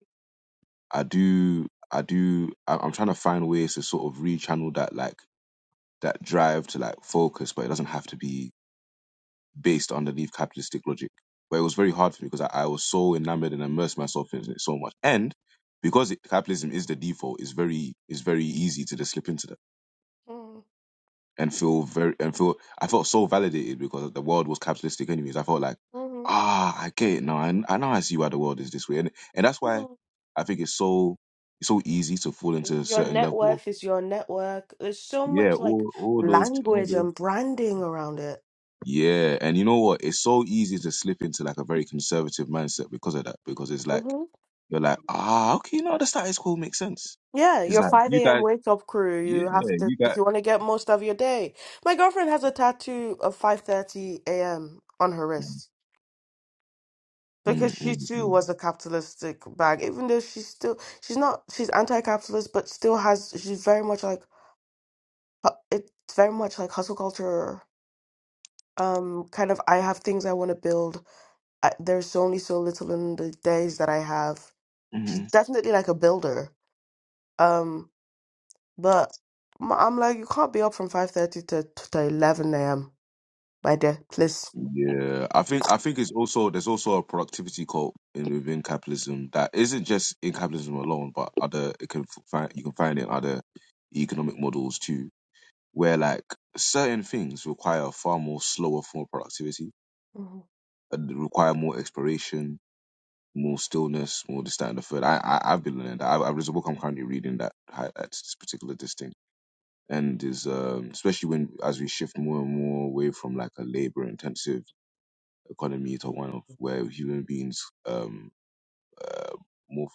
[SPEAKER 2] I do I do I- I'm trying to find ways to sort of rechannel that like that drive to like focus, but it doesn't have to be based underneath capitalistic logic. But it was very hard for me because I, I was so enamored and immersed myself in it so much. And because it, capitalism is the default, it's very it's very easy to just slip into that
[SPEAKER 1] Mm,
[SPEAKER 2] and feel very and feel I felt so validated because the world was capitalistic anyways. I felt like
[SPEAKER 1] mhm,
[SPEAKER 2] ah I get it now. I, I now I see why the world is this way, and and that's why
[SPEAKER 1] mm.
[SPEAKER 2] I think it's so it's so easy to fall into a
[SPEAKER 1] Your
[SPEAKER 2] certain
[SPEAKER 1] net
[SPEAKER 2] level of
[SPEAKER 1] worth is your network. There's so
[SPEAKER 2] yeah
[SPEAKER 1] much like
[SPEAKER 2] all all those all
[SPEAKER 1] language
[SPEAKER 2] those
[SPEAKER 1] and branding around it.
[SPEAKER 2] Yeah, and you know what? It's so easy to slip into like a very conservative mindset because of that. Because it's like you're like, ah, okay, no, the status quo makes sense.
[SPEAKER 1] Yeah,
[SPEAKER 2] It's
[SPEAKER 1] your
[SPEAKER 2] like
[SPEAKER 1] 5
[SPEAKER 2] you
[SPEAKER 1] a.m.
[SPEAKER 2] guys,
[SPEAKER 1] wake up crew.
[SPEAKER 2] yeah,
[SPEAKER 1] You have to
[SPEAKER 2] you
[SPEAKER 1] if
[SPEAKER 2] guys.
[SPEAKER 1] you want to get most of your day. My girlfriend has a tattoo of 5:30 a.m. on her
[SPEAKER 2] Mm,
[SPEAKER 1] wrist because
[SPEAKER 2] mm,
[SPEAKER 1] she
[SPEAKER 2] mm,
[SPEAKER 1] too
[SPEAKER 2] mm.
[SPEAKER 1] was a capitalistic bag. Even though she's still she's not she's anti-capitalist, but still has she's very much like hu- it's very much like hustle culture. Um, kind of I have things I want to build. I, there's only so little in the days that I have. She's
[SPEAKER 2] Mhm.
[SPEAKER 1] definitely like a builder. Um. But I'm I'm like, you can't be up from 5.30 to, to to 11 a.m., my dear, please.
[SPEAKER 2] Yeah, I think I think it's also there's also a productivity cult in within capitalism that isn't just in capitalism alone, but other it can f- find you can find it in other economic models too, where like certain things require far more slower form of productivity,
[SPEAKER 1] Mhm.
[SPEAKER 2] and require more exploration, more stillness, more this, that, and the third. I, I I've been learning that. I, I, there's a book I'm currently reading that highlights this particular this thing, and is um, especially when as we shift more and more away from like a labor intensive economy to one of where human beings um uh, more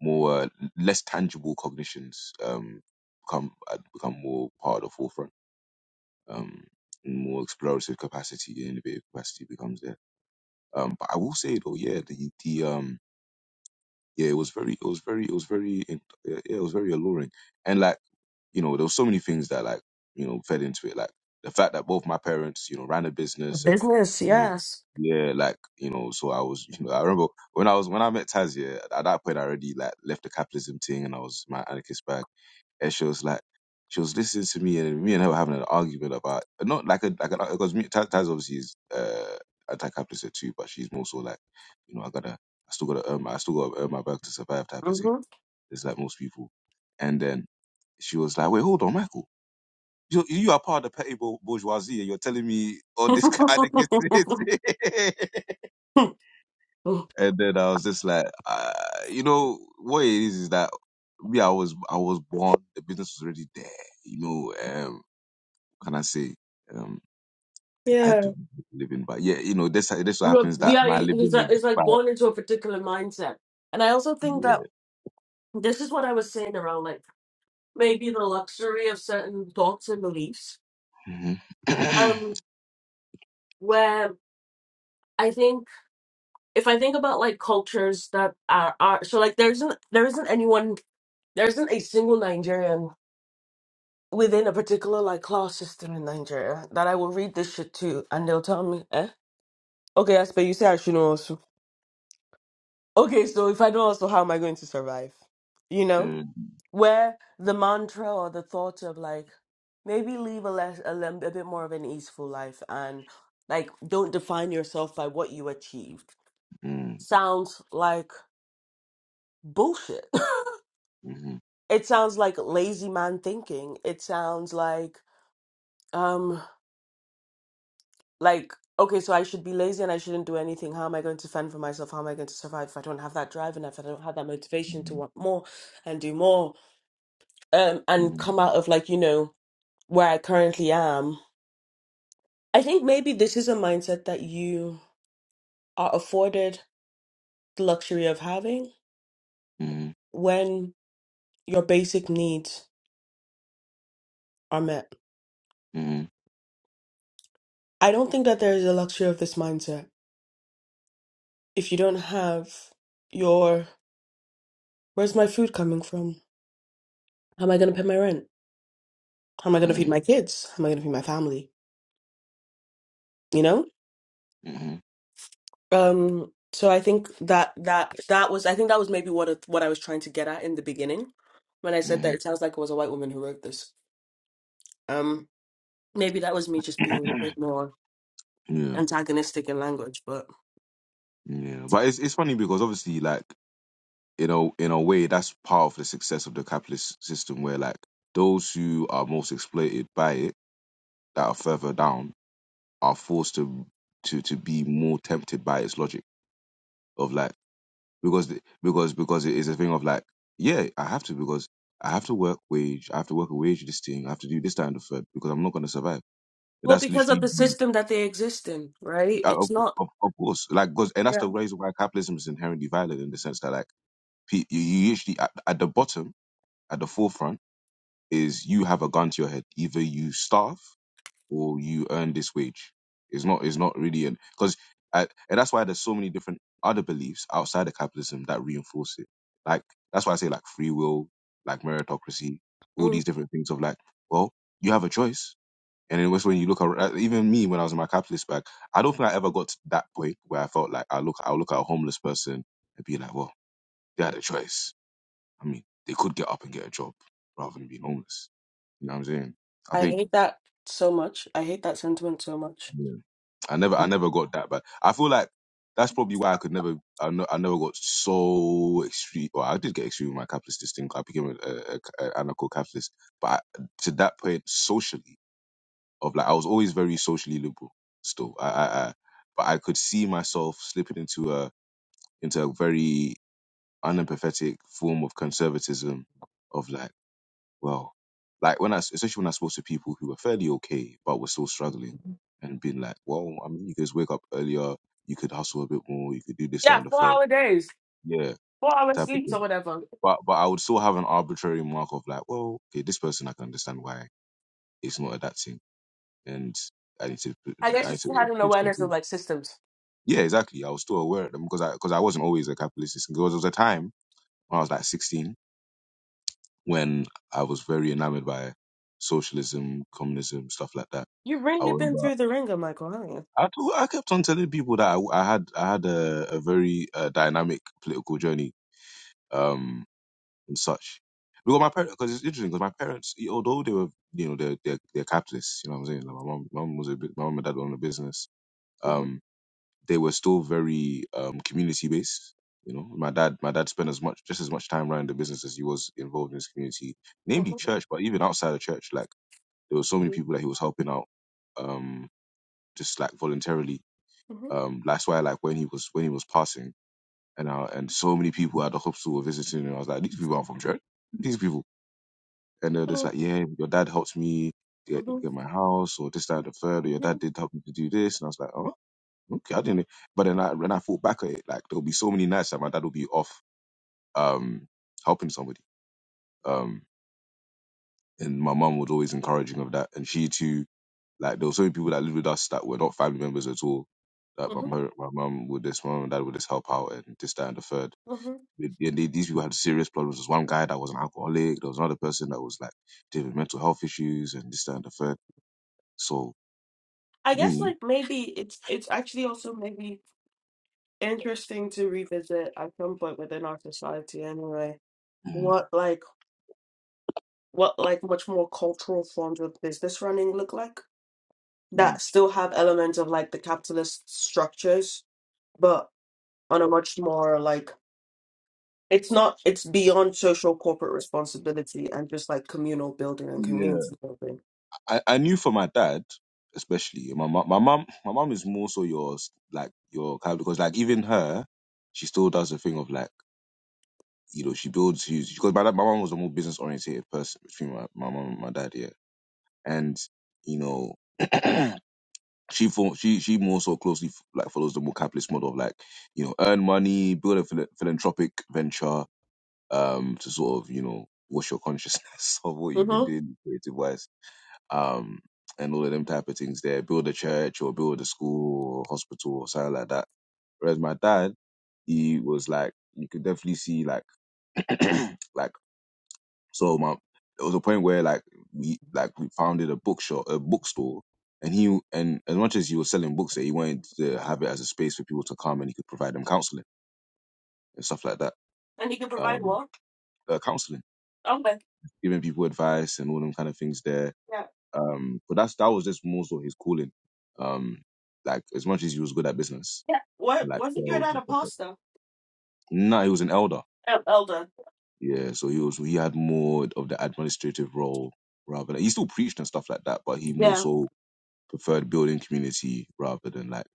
[SPEAKER 2] more uh, less tangible cognitions um become uh, become more part of the forefront. Um, more explorative capacity, innovative capacity becomes there. Um, but I will say though, yeah, the the um yeah, it was very, it was very, it was very, in- yeah, yeah, it was very alluring. And like, you know, there were so many things that like, you know, fed into it. Like the fact that both my parents, you know, ran a business and,
[SPEAKER 1] Business,
[SPEAKER 2] you know,
[SPEAKER 1] yes.
[SPEAKER 2] yeah, like, you know, so I was, (laughs) you know, I remember when I was, when I met Taz, yeah, at that point I already like left the capitalism thing and I was in my anarchist bag and she was like, she was listening to me, and me and her were having an argument about not like a like a because me- Taz Taz obviously is uh, anti-capitalist too, but she's more so like, you know, I gotta, I still gotta earn, my, I still gotta earn my back to survive type of thing.
[SPEAKER 1] Mm-hmm.
[SPEAKER 2] It's like most people, and then she was like, wait, hold on, Michael. You, you are part of the petty bour- bourgeoisie, and you're telling me all this kind of (laughs) this and then I was just like, uh, you know, what it is is that me, I was, I was born, the business was already there. You know, um, what can I say, um,
[SPEAKER 1] (laughs)
[SPEAKER 2] I
[SPEAKER 1] yeah.
[SPEAKER 2] had to make a living, but yeah, you know, this, this what
[SPEAKER 1] You're,
[SPEAKER 2] happens that
[SPEAKER 1] yeah,
[SPEAKER 2] my
[SPEAKER 1] it's
[SPEAKER 2] living
[SPEAKER 1] like,
[SPEAKER 2] is,
[SPEAKER 1] it's
[SPEAKER 2] by.
[SPEAKER 1] like born into a particular mindset. And I also think that
[SPEAKER 2] yeah.
[SPEAKER 1] this is what I was saying around like maybe the luxury of certain thoughts and beliefs.
[SPEAKER 2] Mm-hmm. (coughs)
[SPEAKER 1] Um, where I think if I think about like cultures that are, are so like there isn't there isn't anyone there isn't a single Nigerian within a particular like class system in Nigeria that I will read this shit to, and they'll tell me, eh, okay, Aspe, you say I should know also. Okay, so if I know also, how am I going to survive? You
[SPEAKER 2] (clears throat)
[SPEAKER 1] know,
[SPEAKER 2] mm
[SPEAKER 1] where the mantra or the thought of like maybe live a less a, lem- a bit more of an easeful life and like don't define yourself by what you achieved
[SPEAKER 2] mm
[SPEAKER 1] sounds like bullshit.
[SPEAKER 2] mm
[SPEAKER 1] (laughs) it sounds like lazy man thinking. It sounds like um, like okay so i should be lazy and i shouldn't do anything how am i going to fend for myself how am i going to survive if i don't have that drive and if i don't have that motivation to want more and do more um and
[SPEAKER 2] mm
[SPEAKER 1] come out of like you know where i currently am i think maybe this is a mindset that you are afforded the luxury of having when your basic needs are met
[SPEAKER 2] mm
[SPEAKER 1] i don't think that there is a luxury of this mindset if you don't have your where's my food coming from how am i going to pay my rent How am I going to feed
[SPEAKER 2] mm
[SPEAKER 1] my kids? How am I going to feed my family? You know?
[SPEAKER 2] mm
[SPEAKER 1] Um, so I think that that that was I think that was maybe what it- what I was trying to get at in the beginning when I said that
[SPEAKER 2] mm
[SPEAKER 1] it sounds like it was a white woman who wrote this. Um, maybe that was me
[SPEAKER 2] (coughs)
[SPEAKER 1] just being a
[SPEAKER 2] (clears throat)
[SPEAKER 1] bit more
[SPEAKER 2] Yeah,
[SPEAKER 1] antagonistic in language, but
[SPEAKER 2] yeah. But it's it's funny because obviously, like. in a in a way that's part of the success of the capitalist system where like those who are most exploited by it that are further down are forced to to to be more tempted by its logic of like because the- because because it is a thing of like yeah I have to because I have to work wage I have to work a wage this thing I have to do this that and the third because I'm not going to survive
[SPEAKER 1] well,
[SPEAKER 2] that's
[SPEAKER 1] because of
[SPEAKER 2] literally
[SPEAKER 1] the system that they exist in, right?
[SPEAKER 2] yeah,
[SPEAKER 1] It's
[SPEAKER 2] of,
[SPEAKER 1] not.
[SPEAKER 2] of, of course like because and that's
[SPEAKER 1] Yeah.
[SPEAKER 2] the reason why capitalism is inherently violent in the sense that like pe- you, you usually at, at the bottom at the forefront is you have a gun to your head. Either you starve or you earn this wage. It's not. It's not really an because, and that's why there's so many different other beliefs outside of capitalism that reinforce it. Like that's why I say like free will, like meritocracy, all these
[SPEAKER 1] Mm.
[SPEAKER 2] different things of like, well, you have a choice. And it was when you look at even me when I was in my capitalist bag, I don't think I ever got to that point where I felt like I look, I'll look at a homeless person and be like, well, they had a choice I mean, they could get up and get a job rather than being homeless. You know what I'm saying? I
[SPEAKER 1] I
[SPEAKER 2] think
[SPEAKER 1] hate that so much. I hate that sentiment so much.
[SPEAKER 2] yeah. I never I never got that bad. I feel like that's probably why I could never I, no, I never got so extreme. Well, I did get extreme with my capitalist instinct. I became a, a, a anarcho-capitalist, but I, to that point socially, of like I was always very socially liberal. Still, I, I, I but I could see myself slipping into a into a very unempathetic form of conservatism, of like well. Like when I, especially when I spoke to people who were fairly okay, but were still struggling and being like, well, I mean, you guys wake up earlier, you could hustle a bit more, you could do this, that,
[SPEAKER 1] Yeah,
[SPEAKER 2] and the
[SPEAKER 1] four
[SPEAKER 2] third.
[SPEAKER 1] hour days,
[SPEAKER 2] Yeah,
[SPEAKER 1] four hour
[SPEAKER 2] type of
[SPEAKER 1] sleeps or
[SPEAKER 2] thing.
[SPEAKER 1] whatever.
[SPEAKER 2] But, but I would still have an arbitrary mark of like, well, okay, this person, I can understand why it's not adapting. And I need to,
[SPEAKER 1] I guess
[SPEAKER 2] I
[SPEAKER 1] you
[SPEAKER 2] need to
[SPEAKER 1] still had an
[SPEAKER 2] give some
[SPEAKER 1] awareness of
[SPEAKER 2] good.
[SPEAKER 1] like systems.
[SPEAKER 2] Yeah, exactly. I was still aware of them because I, because I wasn't always a capitalist. Because there was a time when I was like 16 when I was very enamored by socialism, communism, stuff like that.
[SPEAKER 1] You've
[SPEAKER 2] I
[SPEAKER 1] really been
[SPEAKER 2] remember
[SPEAKER 1] through the ringer, Michael, haven't you?
[SPEAKER 2] I t- I kept on telling people that I, I had I had a, a very uh, dynamic political journey um, and such. Because my parents, because it's interesting, because my parents, y- although they were, you know, they're, they're they're capitalists, you know what I'm saying. Like my mom, my mom was a bit, my mom and dad owned a business.
[SPEAKER 1] Mm-hmm,
[SPEAKER 2] Um, they were still very um, community based. You know, my dad, my dad spent as much, just as much time running the business as he was involved in his community, namely
[SPEAKER 1] mm-hmm,
[SPEAKER 2] church, but even outside of church, like there were so many
[SPEAKER 1] mm-hmm,
[SPEAKER 2] people that he was helping out, um, just like voluntarily um, that's why like when he was when he was passing, and I, and so many people at the hospital were visiting, and I was like, these people aren't from church. These people, and they're
[SPEAKER 1] mm-hmm,
[SPEAKER 2] just like, yeah, your dad helped me get
[SPEAKER 1] mm-hmm,
[SPEAKER 2] get my house, or this, that, and the third, or your dad
[SPEAKER 1] mm-hmm,
[SPEAKER 2] did help me to do this, and I was like, oh, okay, I didn't. e-" But then I when I thought back at it, like there'll be so many nights that my dad will be off, um, helping somebody. Um, and my mum was always encouraging of that. And she too, like there were so many people that lived with us that were not family members at all. That my
[SPEAKER 1] mm-hmm,
[SPEAKER 2] mum, my mum would this, my mum and dad would just help out and this, that, and the third.
[SPEAKER 1] hmm
[SPEAKER 2] And they- these people had serious problems. There was one guy that was an alcoholic. There was another person that was like dealing with mental health issues and this, that, and the third. So
[SPEAKER 1] I
[SPEAKER 2] to
[SPEAKER 1] guess
[SPEAKER 2] me,
[SPEAKER 1] like maybe it's it's actually also maybe interesting to revisit at some point within our society anyway.
[SPEAKER 2] mm,
[SPEAKER 1] What like what like much more cultural forms of business running look like
[SPEAKER 2] mm,
[SPEAKER 1] that still have elements of like the capitalist structures, but on a much more like it's not it's beyond social corporate responsibility and just like communal building and
[SPEAKER 2] yeah,
[SPEAKER 1] community building.
[SPEAKER 2] I, I knew for my dad especially and my mum, my mum, my mum is more so your like your kind because like even her, she still does the thing of like you know, she builds huge because my, dad- my mom was a more business oriented person between my, my mom and my dad, yeah. And, you know, (clears throat) she fo- she she more so closely f- like follows the more capitalist model of like, you know, earn money, build a phila- philanthropic venture, um, to sort of, you know, wash your consciousness (laughs) of what you've been
[SPEAKER 1] Mm-hmm.
[SPEAKER 2] doing creative wise. Um and all of them type of things there. Build a church or build a school or hospital or something like that. Whereas my dad, he was like you could definitely see like (clears throat) like So my it was a point where like we like we founded a bookshop, a bookstore, and he and as much as he was selling books, there, he wanted to have it as a space for people to come and he could provide them counseling and stuff like that.
[SPEAKER 1] And you can provide
[SPEAKER 2] Um,
[SPEAKER 1] what?
[SPEAKER 2] uh, counseling,
[SPEAKER 1] Okay.
[SPEAKER 2] giving people advice and all them kind of things there.
[SPEAKER 1] Yeah.
[SPEAKER 2] Um, but that's that was just more so his calling. Um, like as much as he was good at business,
[SPEAKER 1] Yeah. What
[SPEAKER 2] like
[SPEAKER 1] wasn't your
[SPEAKER 2] sales
[SPEAKER 1] dad
[SPEAKER 2] and
[SPEAKER 1] a
[SPEAKER 2] stuff. Like
[SPEAKER 1] pastor?
[SPEAKER 2] that. Nah, he was an elder.
[SPEAKER 1] Um, elder.
[SPEAKER 2] Yeah, so he was he had more of the administrative role rather than he still preached and stuff like that, but he more
[SPEAKER 1] Yeah.
[SPEAKER 2] so preferred building community rather than like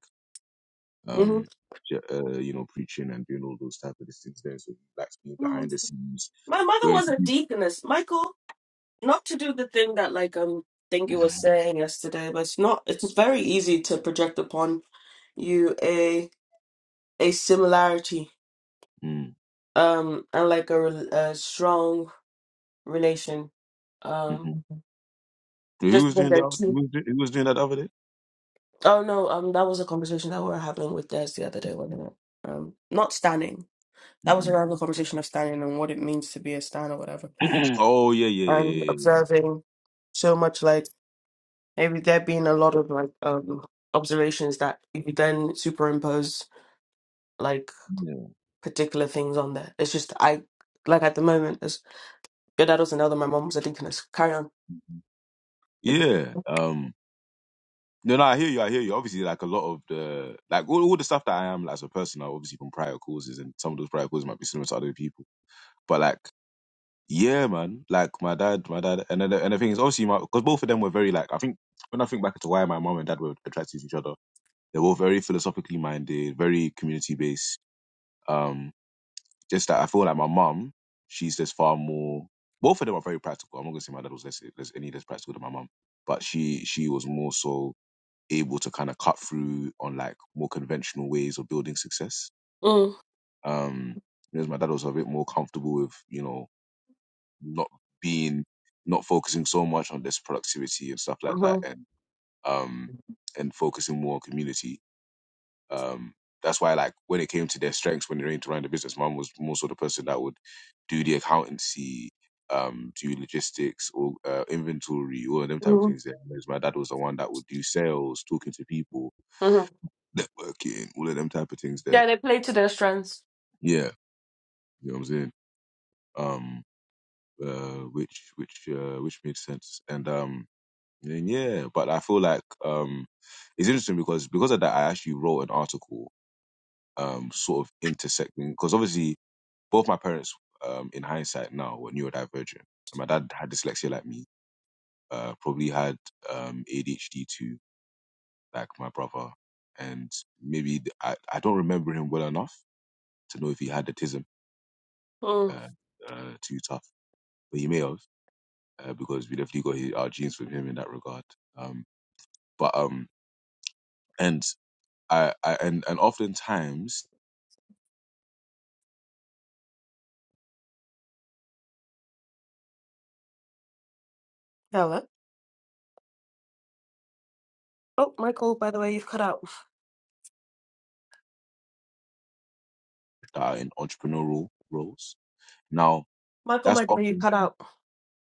[SPEAKER 2] um ju- uh, you know preaching and doing all those type of these things there so he likes being
[SPEAKER 1] Mm-hmm.
[SPEAKER 2] behind the scenes
[SPEAKER 1] My mother
[SPEAKER 2] going
[SPEAKER 1] was
[SPEAKER 2] to
[SPEAKER 1] a
[SPEAKER 2] be
[SPEAKER 1] deaconess. Michael not to do the thing that like um think you were saying yesterday, but it's not it's very easy to project upon you a a similarity
[SPEAKER 2] mm
[SPEAKER 1] um and like a, rel- a strong relation um
[SPEAKER 2] mm-hmm. who
[SPEAKER 1] just
[SPEAKER 2] was
[SPEAKER 1] because
[SPEAKER 2] doing that
[SPEAKER 1] they're two
[SPEAKER 2] who was doing, who was doing that the other day
[SPEAKER 1] two. Oh no um that was a conversation that we were having with Des the other day wasn't it um not standing that was
[SPEAKER 2] hmm
[SPEAKER 1] around the conversation of standing and what it means to be a stan or whatever
[SPEAKER 2] (clears throat) oh yeah yeah
[SPEAKER 1] and
[SPEAKER 2] yeah yeah,
[SPEAKER 1] observing so much like, maybe there being a lot of like um observations that if you could then superimpose like
[SPEAKER 2] yeah. Yeah.
[SPEAKER 1] particular things on there it's just i like at the moment as your dad was another my mom was a deaconess carry on
[SPEAKER 2] Yeah, Um no, no, I hear you. I hear you. Obviously, like a lot of the, like all, all the stuff that I am like, as a person, are obviously from prior causes, and some of those prior causes might be similar to other people. But like Yeah, man. Like my dad, my dad, and then the, and the thing is, obviously, my because both of them were very like I think when I think back to why my mom and dad were attracted to each other, they were very philosophically minded, very community based. Um, just that I feel like my mom, she's just far more. Both of them are very practical. I'm not gonna say my dad was less, less any less practical than my mom, but she she was more so able to kind of cut through on like more conventional ways of building success.
[SPEAKER 1] mm.
[SPEAKER 2] Um, whereas my dad was a bit more comfortable with you know not being not focusing so much on this productivity and stuff like that
[SPEAKER 1] mm-hmm.
[SPEAKER 2] and um and focusing more on community um that's why like when it came to their strengths when they came to running the business mom was more so the person that would do the accountancy um do logistics or uh, inventory all of them type of
[SPEAKER 1] Mm-hmm.
[SPEAKER 2] things there whereas my dad was the one that would do sales talking to people
[SPEAKER 1] hmm
[SPEAKER 2] networking all of them type of things there
[SPEAKER 1] yeah they play to their strengths
[SPEAKER 2] yeah you know what i'm saying um uh, which which uh, which made sense and um Then yeah, but I feel like um, it's interesting because because of that, I actually wrote an article um, sort of intersecting because obviously both my parents, um, in hindsight now, were neurodivergent. And my dad had dyslexia like me, uh, probably had um, ADHD too, like my brother, and maybe th- I, I don't remember him well enough to know if he had autism
[SPEAKER 1] mm.
[SPEAKER 2] uh, uh, too tough, but he may have uh, because we definitely got his, our genes from him in that regard. Um, but um, I, I and and oftentimes
[SPEAKER 1] hello oh michael by the way you've cut out
[SPEAKER 2] that are in entrepreneurial roles. Now
[SPEAKER 1] michael
[SPEAKER 2] that's
[SPEAKER 1] my dear you
[SPEAKER 2] often
[SPEAKER 1] cut out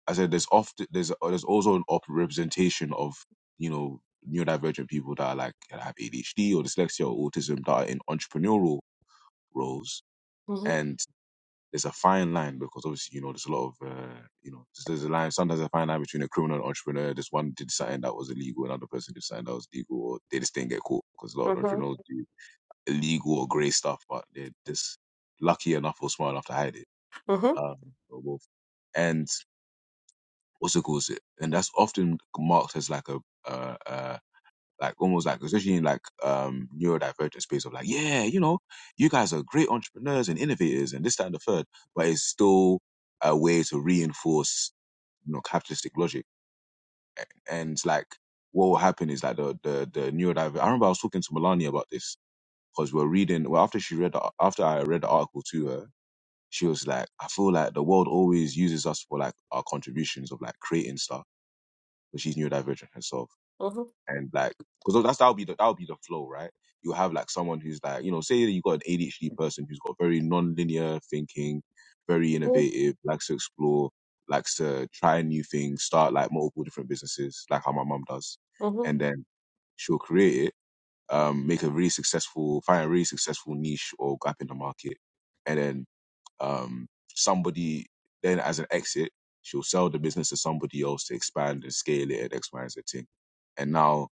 [SPEAKER 2] I said there's often there's there's also an op- representation of you know neurodivergent people that are like that have ADHD or dyslexia or autism that are in entrepreneurial roles,
[SPEAKER 1] hmm
[SPEAKER 2] and there's a fine line because obviously you know there's a lot of uh, you know there's, there's a line sometimes a fine line between a criminal and entrepreneur. This one did something that was illegal, another person did something that was legal, or they just didn't get caught because a lot of
[SPEAKER 1] hmm
[SPEAKER 2] entrepreneurs do illegal or grey stuff, but they're just lucky enough or smart enough to hide it.
[SPEAKER 1] hmm
[SPEAKER 2] Um, or both. And also it calls it, and that's often marked as like a uh, uh like almost like especially in like um neurodivergent space of like yeah you know you guys are great entrepreneurs and innovators and this that and the third, but it's still a way to reinforce you know capitalistic logic and it's like what will happen is like the the the neurodivergent. I remember I was talking to Melania about this because we were reading well after she read the, after I read the article to her She was like, I feel like the world always uses us for like our contributions of like creating stuff, but she's neurodivergent herself. And like, because that's that'll be the that'll be the flow, right? You'll have like someone who's like, you know, say that you got an ADHD person who's got very non-linear thinking, very
[SPEAKER 1] Mhm,
[SPEAKER 2] innovative, likes to explore, likes to try new things, start like multiple different businesses, like how my mum does.
[SPEAKER 1] mhm,
[SPEAKER 2] And then she'll create it, um, make a really successful, find a really successful niche or gap in the market, and then um, somebody then as an exit, she'll sell the business to somebody else to expand and scale it and X, Y, and Z thing. And now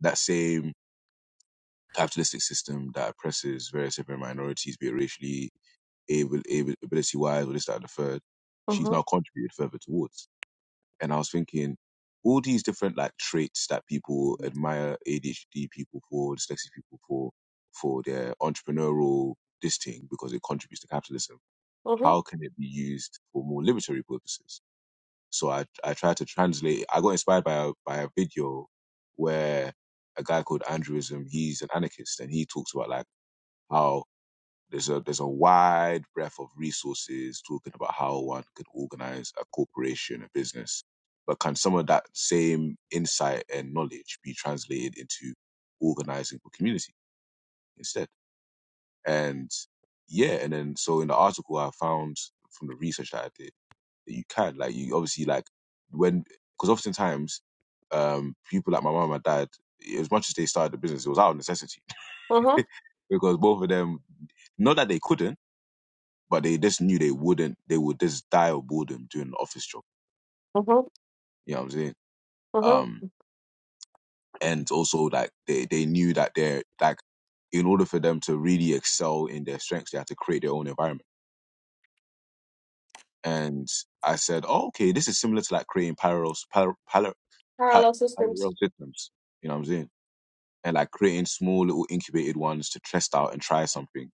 [SPEAKER 2] that same capitalistic system that oppresses various different minorities, be it racially, able, able ability wise, or this, that, and the third, she's
[SPEAKER 1] mhm,
[SPEAKER 2] now contributed further towards. And I was thinking, all these different like traits that people admire ADHD people for, dyslexic people for, for their entrepreneurial this thing because it contributes to capitalism
[SPEAKER 1] mhm,
[SPEAKER 2] how can it be used for more liberatory purposes? So I I tried to translate. I got inspired by a, by a video where a guy called Andrewism, he's an anarchist, and he talks about like how there's a there's a wide breadth of resources talking about how one could organize a corporation, a business. But can some of that same insight and knowledge be translated into organizing for community instead? And yeah, and then so in the article I found from the research that I did you can like you obviously like when because oftentimes um people like my mum and my dad as much as they started the business it was out of necessity
[SPEAKER 1] mhm,
[SPEAKER 2] (laughs) because both of them not that they couldn't but they just knew they wouldn't they would just die of boredom doing an office job
[SPEAKER 1] mhm,
[SPEAKER 2] you know what i'm saying
[SPEAKER 1] mhm.
[SPEAKER 2] um and also like they they knew that they're like in order for them to really excel in their strengths they had to create their own environment and I said, oh, okay, this is similar to like creating parallel par, par,
[SPEAKER 1] Parallel
[SPEAKER 2] parallel
[SPEAKER 1] systems.
[SPEAKER 2] systems. You know what I'm saying? And like creating small little incubated ones to test out and try something.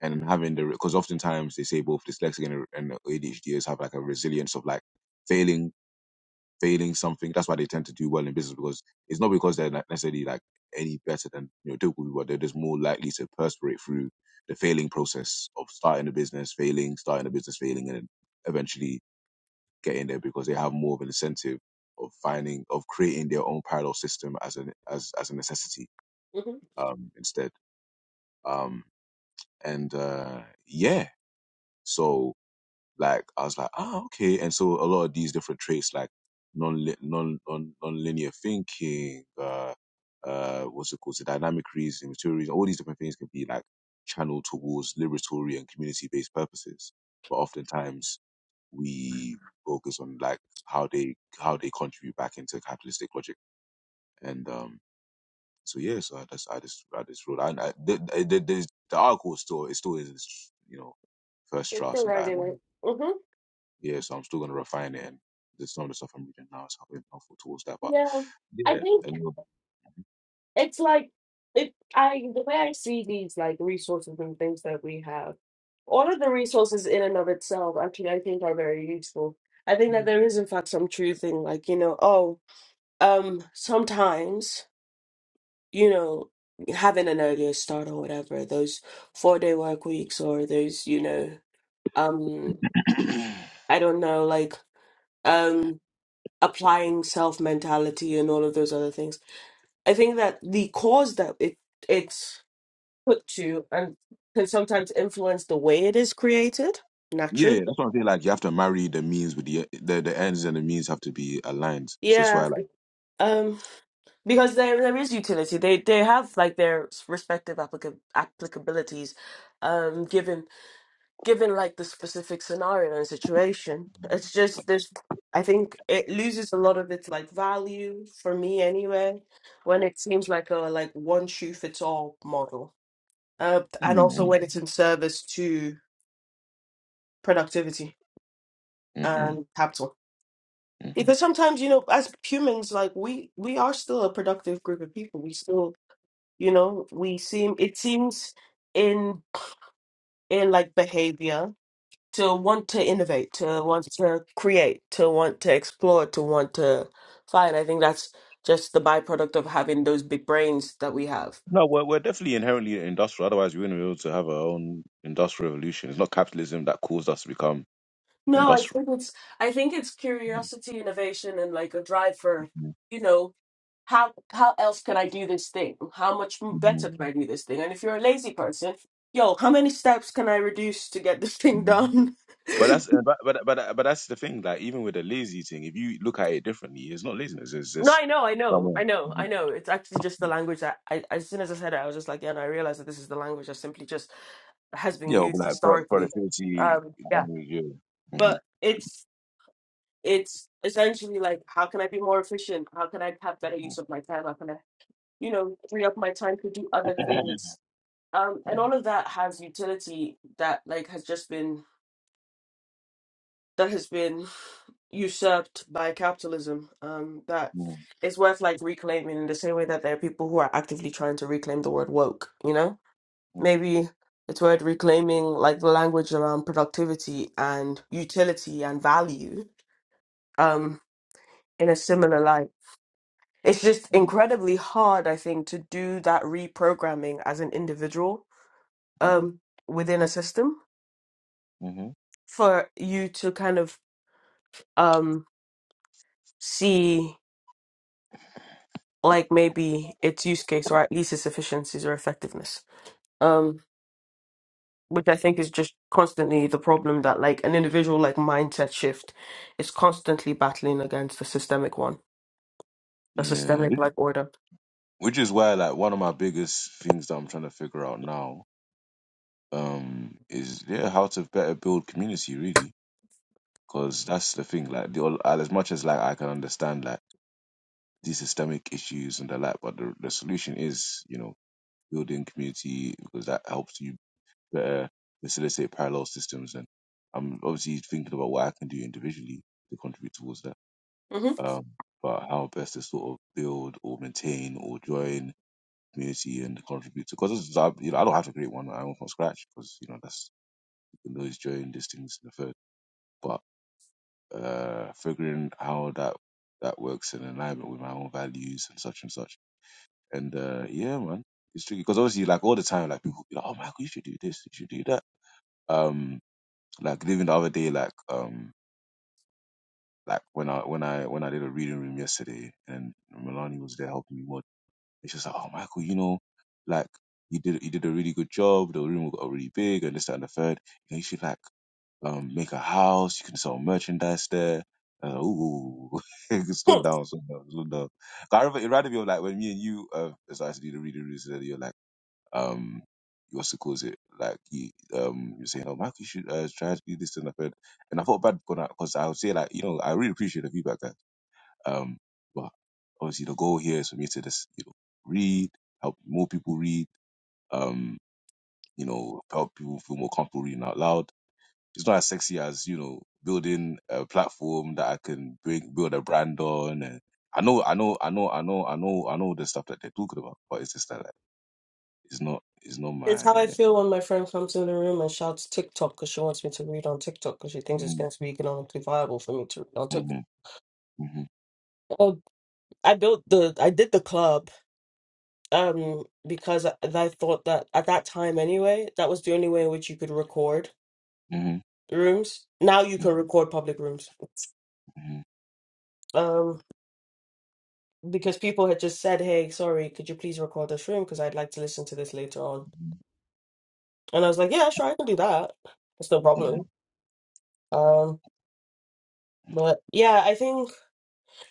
[SPEAKER 2] And having the because oftentimes they say both dyslexic and, and ADHDers have like a resilience of like failing failing something. That's why they tend to do well in business because it's not because they're not necessarily like any better than you know typical people, but they're just more likely to perspire through the failing process of starting a business, failing, starting a business, failing, and then eventually get in there because they have more of an incentive of finding of creating their own parallel system as an as as a necessity
[SPEAKER 1] Mm-hmm.
[SPEAKER 2] um instead um and uh yeah so like i was like ah okay and so a lot of these different traits like non non non non-linear thinking uh uh what's it called the dynamic reasoning material reasoning all these different things can be like channeled towards liberatory and community-based purposes but oftentimes we focus on like how they how they contribute back into capitalistic logic and um so yeah so i just i just i just wrote and I, the, the, the, the article is still it still is you know first
[SPEAKER 1] It's still
[SPEAKER 2] drafts and
[SPEAKER 1] right
[SPEAKER 2] that
[SPEAKER 1] in
[SPEAKER 2] And
[SPEAKER 1] it. Mm-hmm.
[SPEAKER 2] yeah so i'm still going to refine it and there's some of the stuff i'm reading now is helping helpful towards that but
[SPEAKER 1] Yeah, I
[SPEAKER 2] yeah
[SPEAKER 1] think
[SPEAKER 2] and
[SPEAKER 1] it's like it. I the way I see these like resources and things that we have. All of the resources in and of itself, actually, I think are very useful. I think that
[SPEAKER 2] Mhm.
[SPEAKER 1] there is, in fact, some truth in like you know, oh, um, sometimes you know, having an earlier start or whatever, those four day work weeks or those you know, um. I don't know, like um applying self mentality and all of those other things. I think that the cause that it it's put to and can sometimes influence the way it is created
[SPEAKER 2] yeah, yeah,
[SPEAKER 1] naturally.
[SPEAKER 2] that's what I'm saying. Like you have to marry the means with the the, the ends and the means have to be aligned. So that's
[SPEAKER 1] Yeah.
[SPEAKER 2] why I like.
[SPEAKER 1] Um because there there is utility. They they have like their respective applica- applicabilities um given given like the specific scenario and situation. It's just this I think it loses a lot of its like value for me anyway when it seems like a like one shoe fits all model. Uh, and also
[SPEAKER 2] Mm-hmm.
[SPEAKER 1] when it's in service to productivity and capital.
[SPEAKER 2] mm-hmm,
[SPEAKER 1] Because sometimes, you know, as humans, like we we are still a productive group of people. We still, you know, we seem it seems in in like behavior to want to innovate, to want to create, to want to explore, to want to find. I think that's just the byproduct of having those big brains that we have.
[SPEAKER 2] No, we're, we're definitely inherently industrial. Otherwise, we wouldn't be able to have our own industrial revolution. It's not capitalism that caused us to become
[SPEAKER 1] No, I
[SPEAKER 2] industrial.
[SPEAKER 1] think it's I think it's curiosity, innovation, and like a drive for,
[SPEAKER 2] Mhm,
[SPEAKER 1] you know, how how else can I do this thing? How much m- better
[SPEAKER 2] mhm,
[SPEAKER 1] can I do this thing? And if you're a lazy person, yo, how many steps can I reduce to get this thing
[SPEAKER 2] mhm.
[SPEAKER 1] done? (laughs)
[SPEAKER 2] But that's uh, but but but but that's the thing. Like even with the lazy thing, if you look at it differently, it's not laziness. It's
[SPEAKER 1] No,
[SPEAKER 2] just
[SPEAKER 1] I know, I know, I
[SPEAKER 2] someone,
[SPEAKER 1] know, I
[SPEAKER 2] Mhm.
[SPEAKER 1] know. It's actually just the language that I, as soon as I said it, I was just like, yeah, and I realized that this is the language that simply just has been
[SPEAKER 2] yeah, of
[SPEAKER 1] used
[SPEAKER 2] like pro-
[SPEAKER 1] historically.
[SPEAKER 2] productivity.
[SPEAKER 1] Um, yeah,
[SPEAKER 2] language, Yeah. Mhm,
[SPEAKER 1] but it's it's essentially like, how can I be more efficient? How can I have better use of my time? How can I, you know, free up my time to do
[SPEAKER 2] mhm,
[SPEAKER 1] other
[SPEAKER 2] (laughs)
[SPEAKER 1] things? Um, and all of that has utility that like has just been that has been. usurped by capitalism um that
[SPEAKER 2] mhm,
[SPEAKER 1] it's worth like reclaiming in the same way that there are people who are actively trying to reclaim the word woke you know maybe it's worth reclaiming like the language around productivity and utility and value um in a similar light it's just
[SPEAKER 2] mhm,
[SPEAKER 1] incredibly hard i think to do that reprogramming as an individual
[SPEAKER 2] mhm,
[SPEAKER 1] um within a system
[SPEAKER 2] mhm.
[SPEAKER 1] for you to kind of um see like maybe its use case or at least its efficiencies or effectiveness. Um, which I think is just constantly the problem that like an individual like mindset shift is constantly battling against a systemic one, a
[SPEAKER 2] Yeah,
[SPEAKER 1] systemic
[SPEAKER 2] thi-
[SPEAKER 1] like order.
[SPEAKER 2] which is why like one of my biggest things that I'm trying to figure out now um is yeah how to better build community really because that's the thing like the, all- as much as like I can understand like these systemic issues and the like but the, the solution is you know building community because that helps you that uh, they solicit parallel systems, and I'm obviously thinking about what I can do individually to contribute towards that.
[SPEAKER 1] hmm
[SPEAKER 2] Um, but how best to sort of build or maintain or join community and contribute to because I, you know I don't have to create one I'm from scratch because you know that's you can always join these things in the third. But uh, figuring how that that works in alignment with my own values and such and such. And uh, yeah, man, it's tricky because obviously like all the time like people be like, oh Michael, you should do this, you should do that. Um, Like even the other day, like um, like when I when I when I did a reading room yesterday, and Milani was there helping me mod. And she was like, "Oh, Michael, you know, like you did you did a really good job. The room got really big, and this that, and the third. You, know, you should like um make a house. You can sell merchandise there." Uh, ooh, (laughs) slow
[SPEAKER 1] (laughs)
[SPEAKER 2] down, slow down, slow down. 'Cause I remember it reminded me of like when me and you uh started to do the reading rooms. and you're like, um what's it calls it like you um you're saying oh Michael you should uh, try to do this and that and and I felt bad because I would say like you know I really appreciate the feedback guys um but obviously the goal here is for me to just you know read help more people read um you know help people feel more comfortable reading out loud it's not as sexy as you know building a platform that I can bring build a brand on and I know I know I know I know I know I know the stuff that they're talking about but it's just that like, it's not it's not
[SPEAKER 1] It's how I
[SPEAKER 2] my
[SPEAKER 1] feel when my friend comes in the room and shouts TikTok because she wants me to read on TikTok because she thinks it's going to be economically viable for me to read on TikTok.
[SPEAKER 2] Mhm, mhm,
[SPEAKER 1] Oh, I built the, I did the club um because I, I thought that at that time anyway that was the only way in which you could record
[SPEAKER 2] mhm,
[SPEAKER 1] rooms now you can
[SPEAKER 2] mhm,
[SPEAKER 1] record public rooms
[SPEAKER 2] mhm,
[SPEAKER 1] um because people had just said hey sorry could you please record this room because I'd like to listen to this later on
[SPEAKER 2] mhm,
[SPEAKER 1] and I was like yeah sure I can do that that's no
[SPEAKER 2] mhm.
[SPEAKER 1] problem um but yeah I think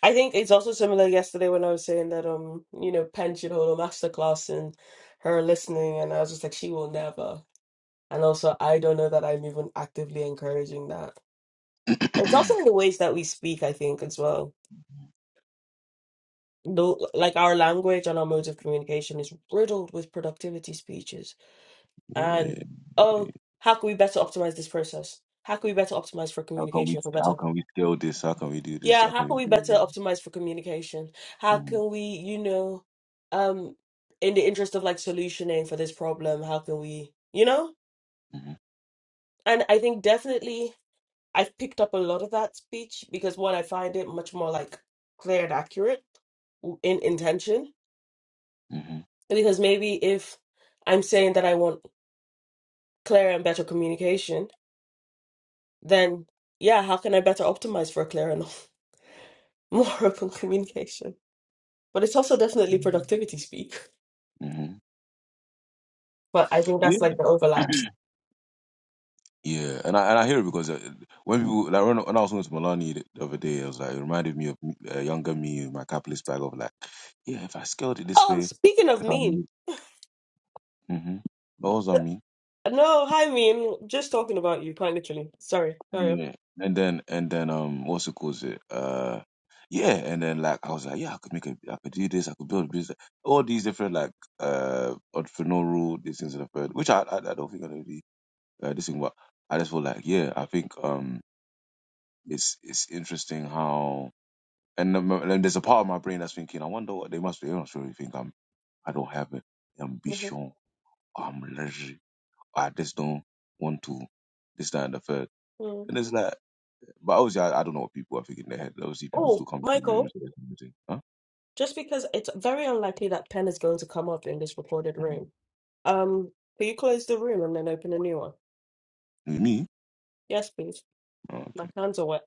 [SPEAKER 1] I think it's also similar yesterday when I was saying that um you know Pen should hold a masterclass and her listening and I was just like she will never and also I don't know that I'm even actively encouraging that It's also
[SPEAKER 2] (clears throat)
[SPEAKER 1] in the ways that we speak, I think, as well. No, like our language and our modes of communication is riddled with productivity speeches
[SPEAKER 2] Yeah.
[SPEAKER 1] and
[SPEAKER 2] yeah.
[SPEAKER 1] oh, how can we better optimize this process? How can we better optimize for
[SPEAKER 2] How can we
[SPEAKER 1] communication for
[SPEAKER 2] how
[SPEAKER 1] better?
[SPEAKER 2] can we scale this? How can we do this?
[SPEAKER 1] Yeah,
[SPEAKER 2] How
[SPEAKER 1] how
[SPEAKER 2] can we
[SPEAKER 1] can we
[SPEAKER 2] do
[SPEAKER 1] better
[SPEAKER 2] it?
[SPEAKER 1] optimize for communication? How
[SPEAKER 2] Mhm,
[SPEAKER 1] can we, you know, um, in the interest of like solutioning for this problem, how can we, you know?
[SPEAKER 2] mhm,
[SPEAKER 1] And I think definitely I've picked up a lot of that speech because one, I find it much more like clear and accurate in intention
[SPEAKER 2] mhm,
[SPEAKER 1] Because maybe if I'm saying that I want clearer and better communication, then yeah, how can I better optimize for clearer and (laughs) more open communication? But it's also definitely
[SPEAKER 2] mhm.
[SPEAKER 1] productivity speak.
[SPEAKER 2] mhm.
[SPEAKER 1] But I think
[SPEAKER 2] Yeah.
[SPEAKER 1] that's like the
[SPEAKER 2] (clears throat)
[SPEAKER 1] overlaps.
[SPEAKER 2] Yeah, and I and I hear it because uh, when people like when, when I was going to Milani the, the other day, I was like, it reminded me of uh, younger me, my capitalist bag of like, yeah, if I scaled it this
[SPEAKER 1] Oh,
[SPEAKER 2] way,
[SPEAKER 1] speaking of
[SPEAKER 2] if I
[SPEAKER 1] mean.
[SPEAKER 2] made, mm-hmm,
[SPEAKER 1] No, hi mean. Just talking about you, quite literally. Sorry. Sorry.
[SPEAKER 2] Yeah. And then and then um what's it called it? Uh yeah, and then like I was like, yeah, I could make a I could do this, I could build a business. All these different like uh entrepreneurial these things and the third, which I, I I don't think I really uh, this thing but I just feel like yeah, I think um it's it's interesting how and, the mo- and there's a part of my brain that's thinking, I wonder what they must be. They must really think I'm I don't have an
[SPEAKER 1] Mhm,
[SPEAKER 2] ambition, I'm lazy, I just don't want to this that and the third.
[SPEAKER 1] mm.
[SPEAKER 2] And it's like But obviously, I, I don't know what people are thinking in their head. Obviously, people
[SPEAKER 1] Oh,
[SPEAKER 2] still come to the
[SPEAKER 1] Michael,
[SPEAKER 2] rooms. and everything. Huh?
[SPEAKER 1] just because it's very unlikely that pen is going to come up in this recorded room,
[SPEAKER 2] Mhm.
[SPEAKER 1] um, can you close the room and then open a new one?
[SPEAKER 2] Me?
[SPEAKER 1] Yes, please.
[SPEAKER 2] Oh, okay.
[SPEAKER 1] My hands are wet.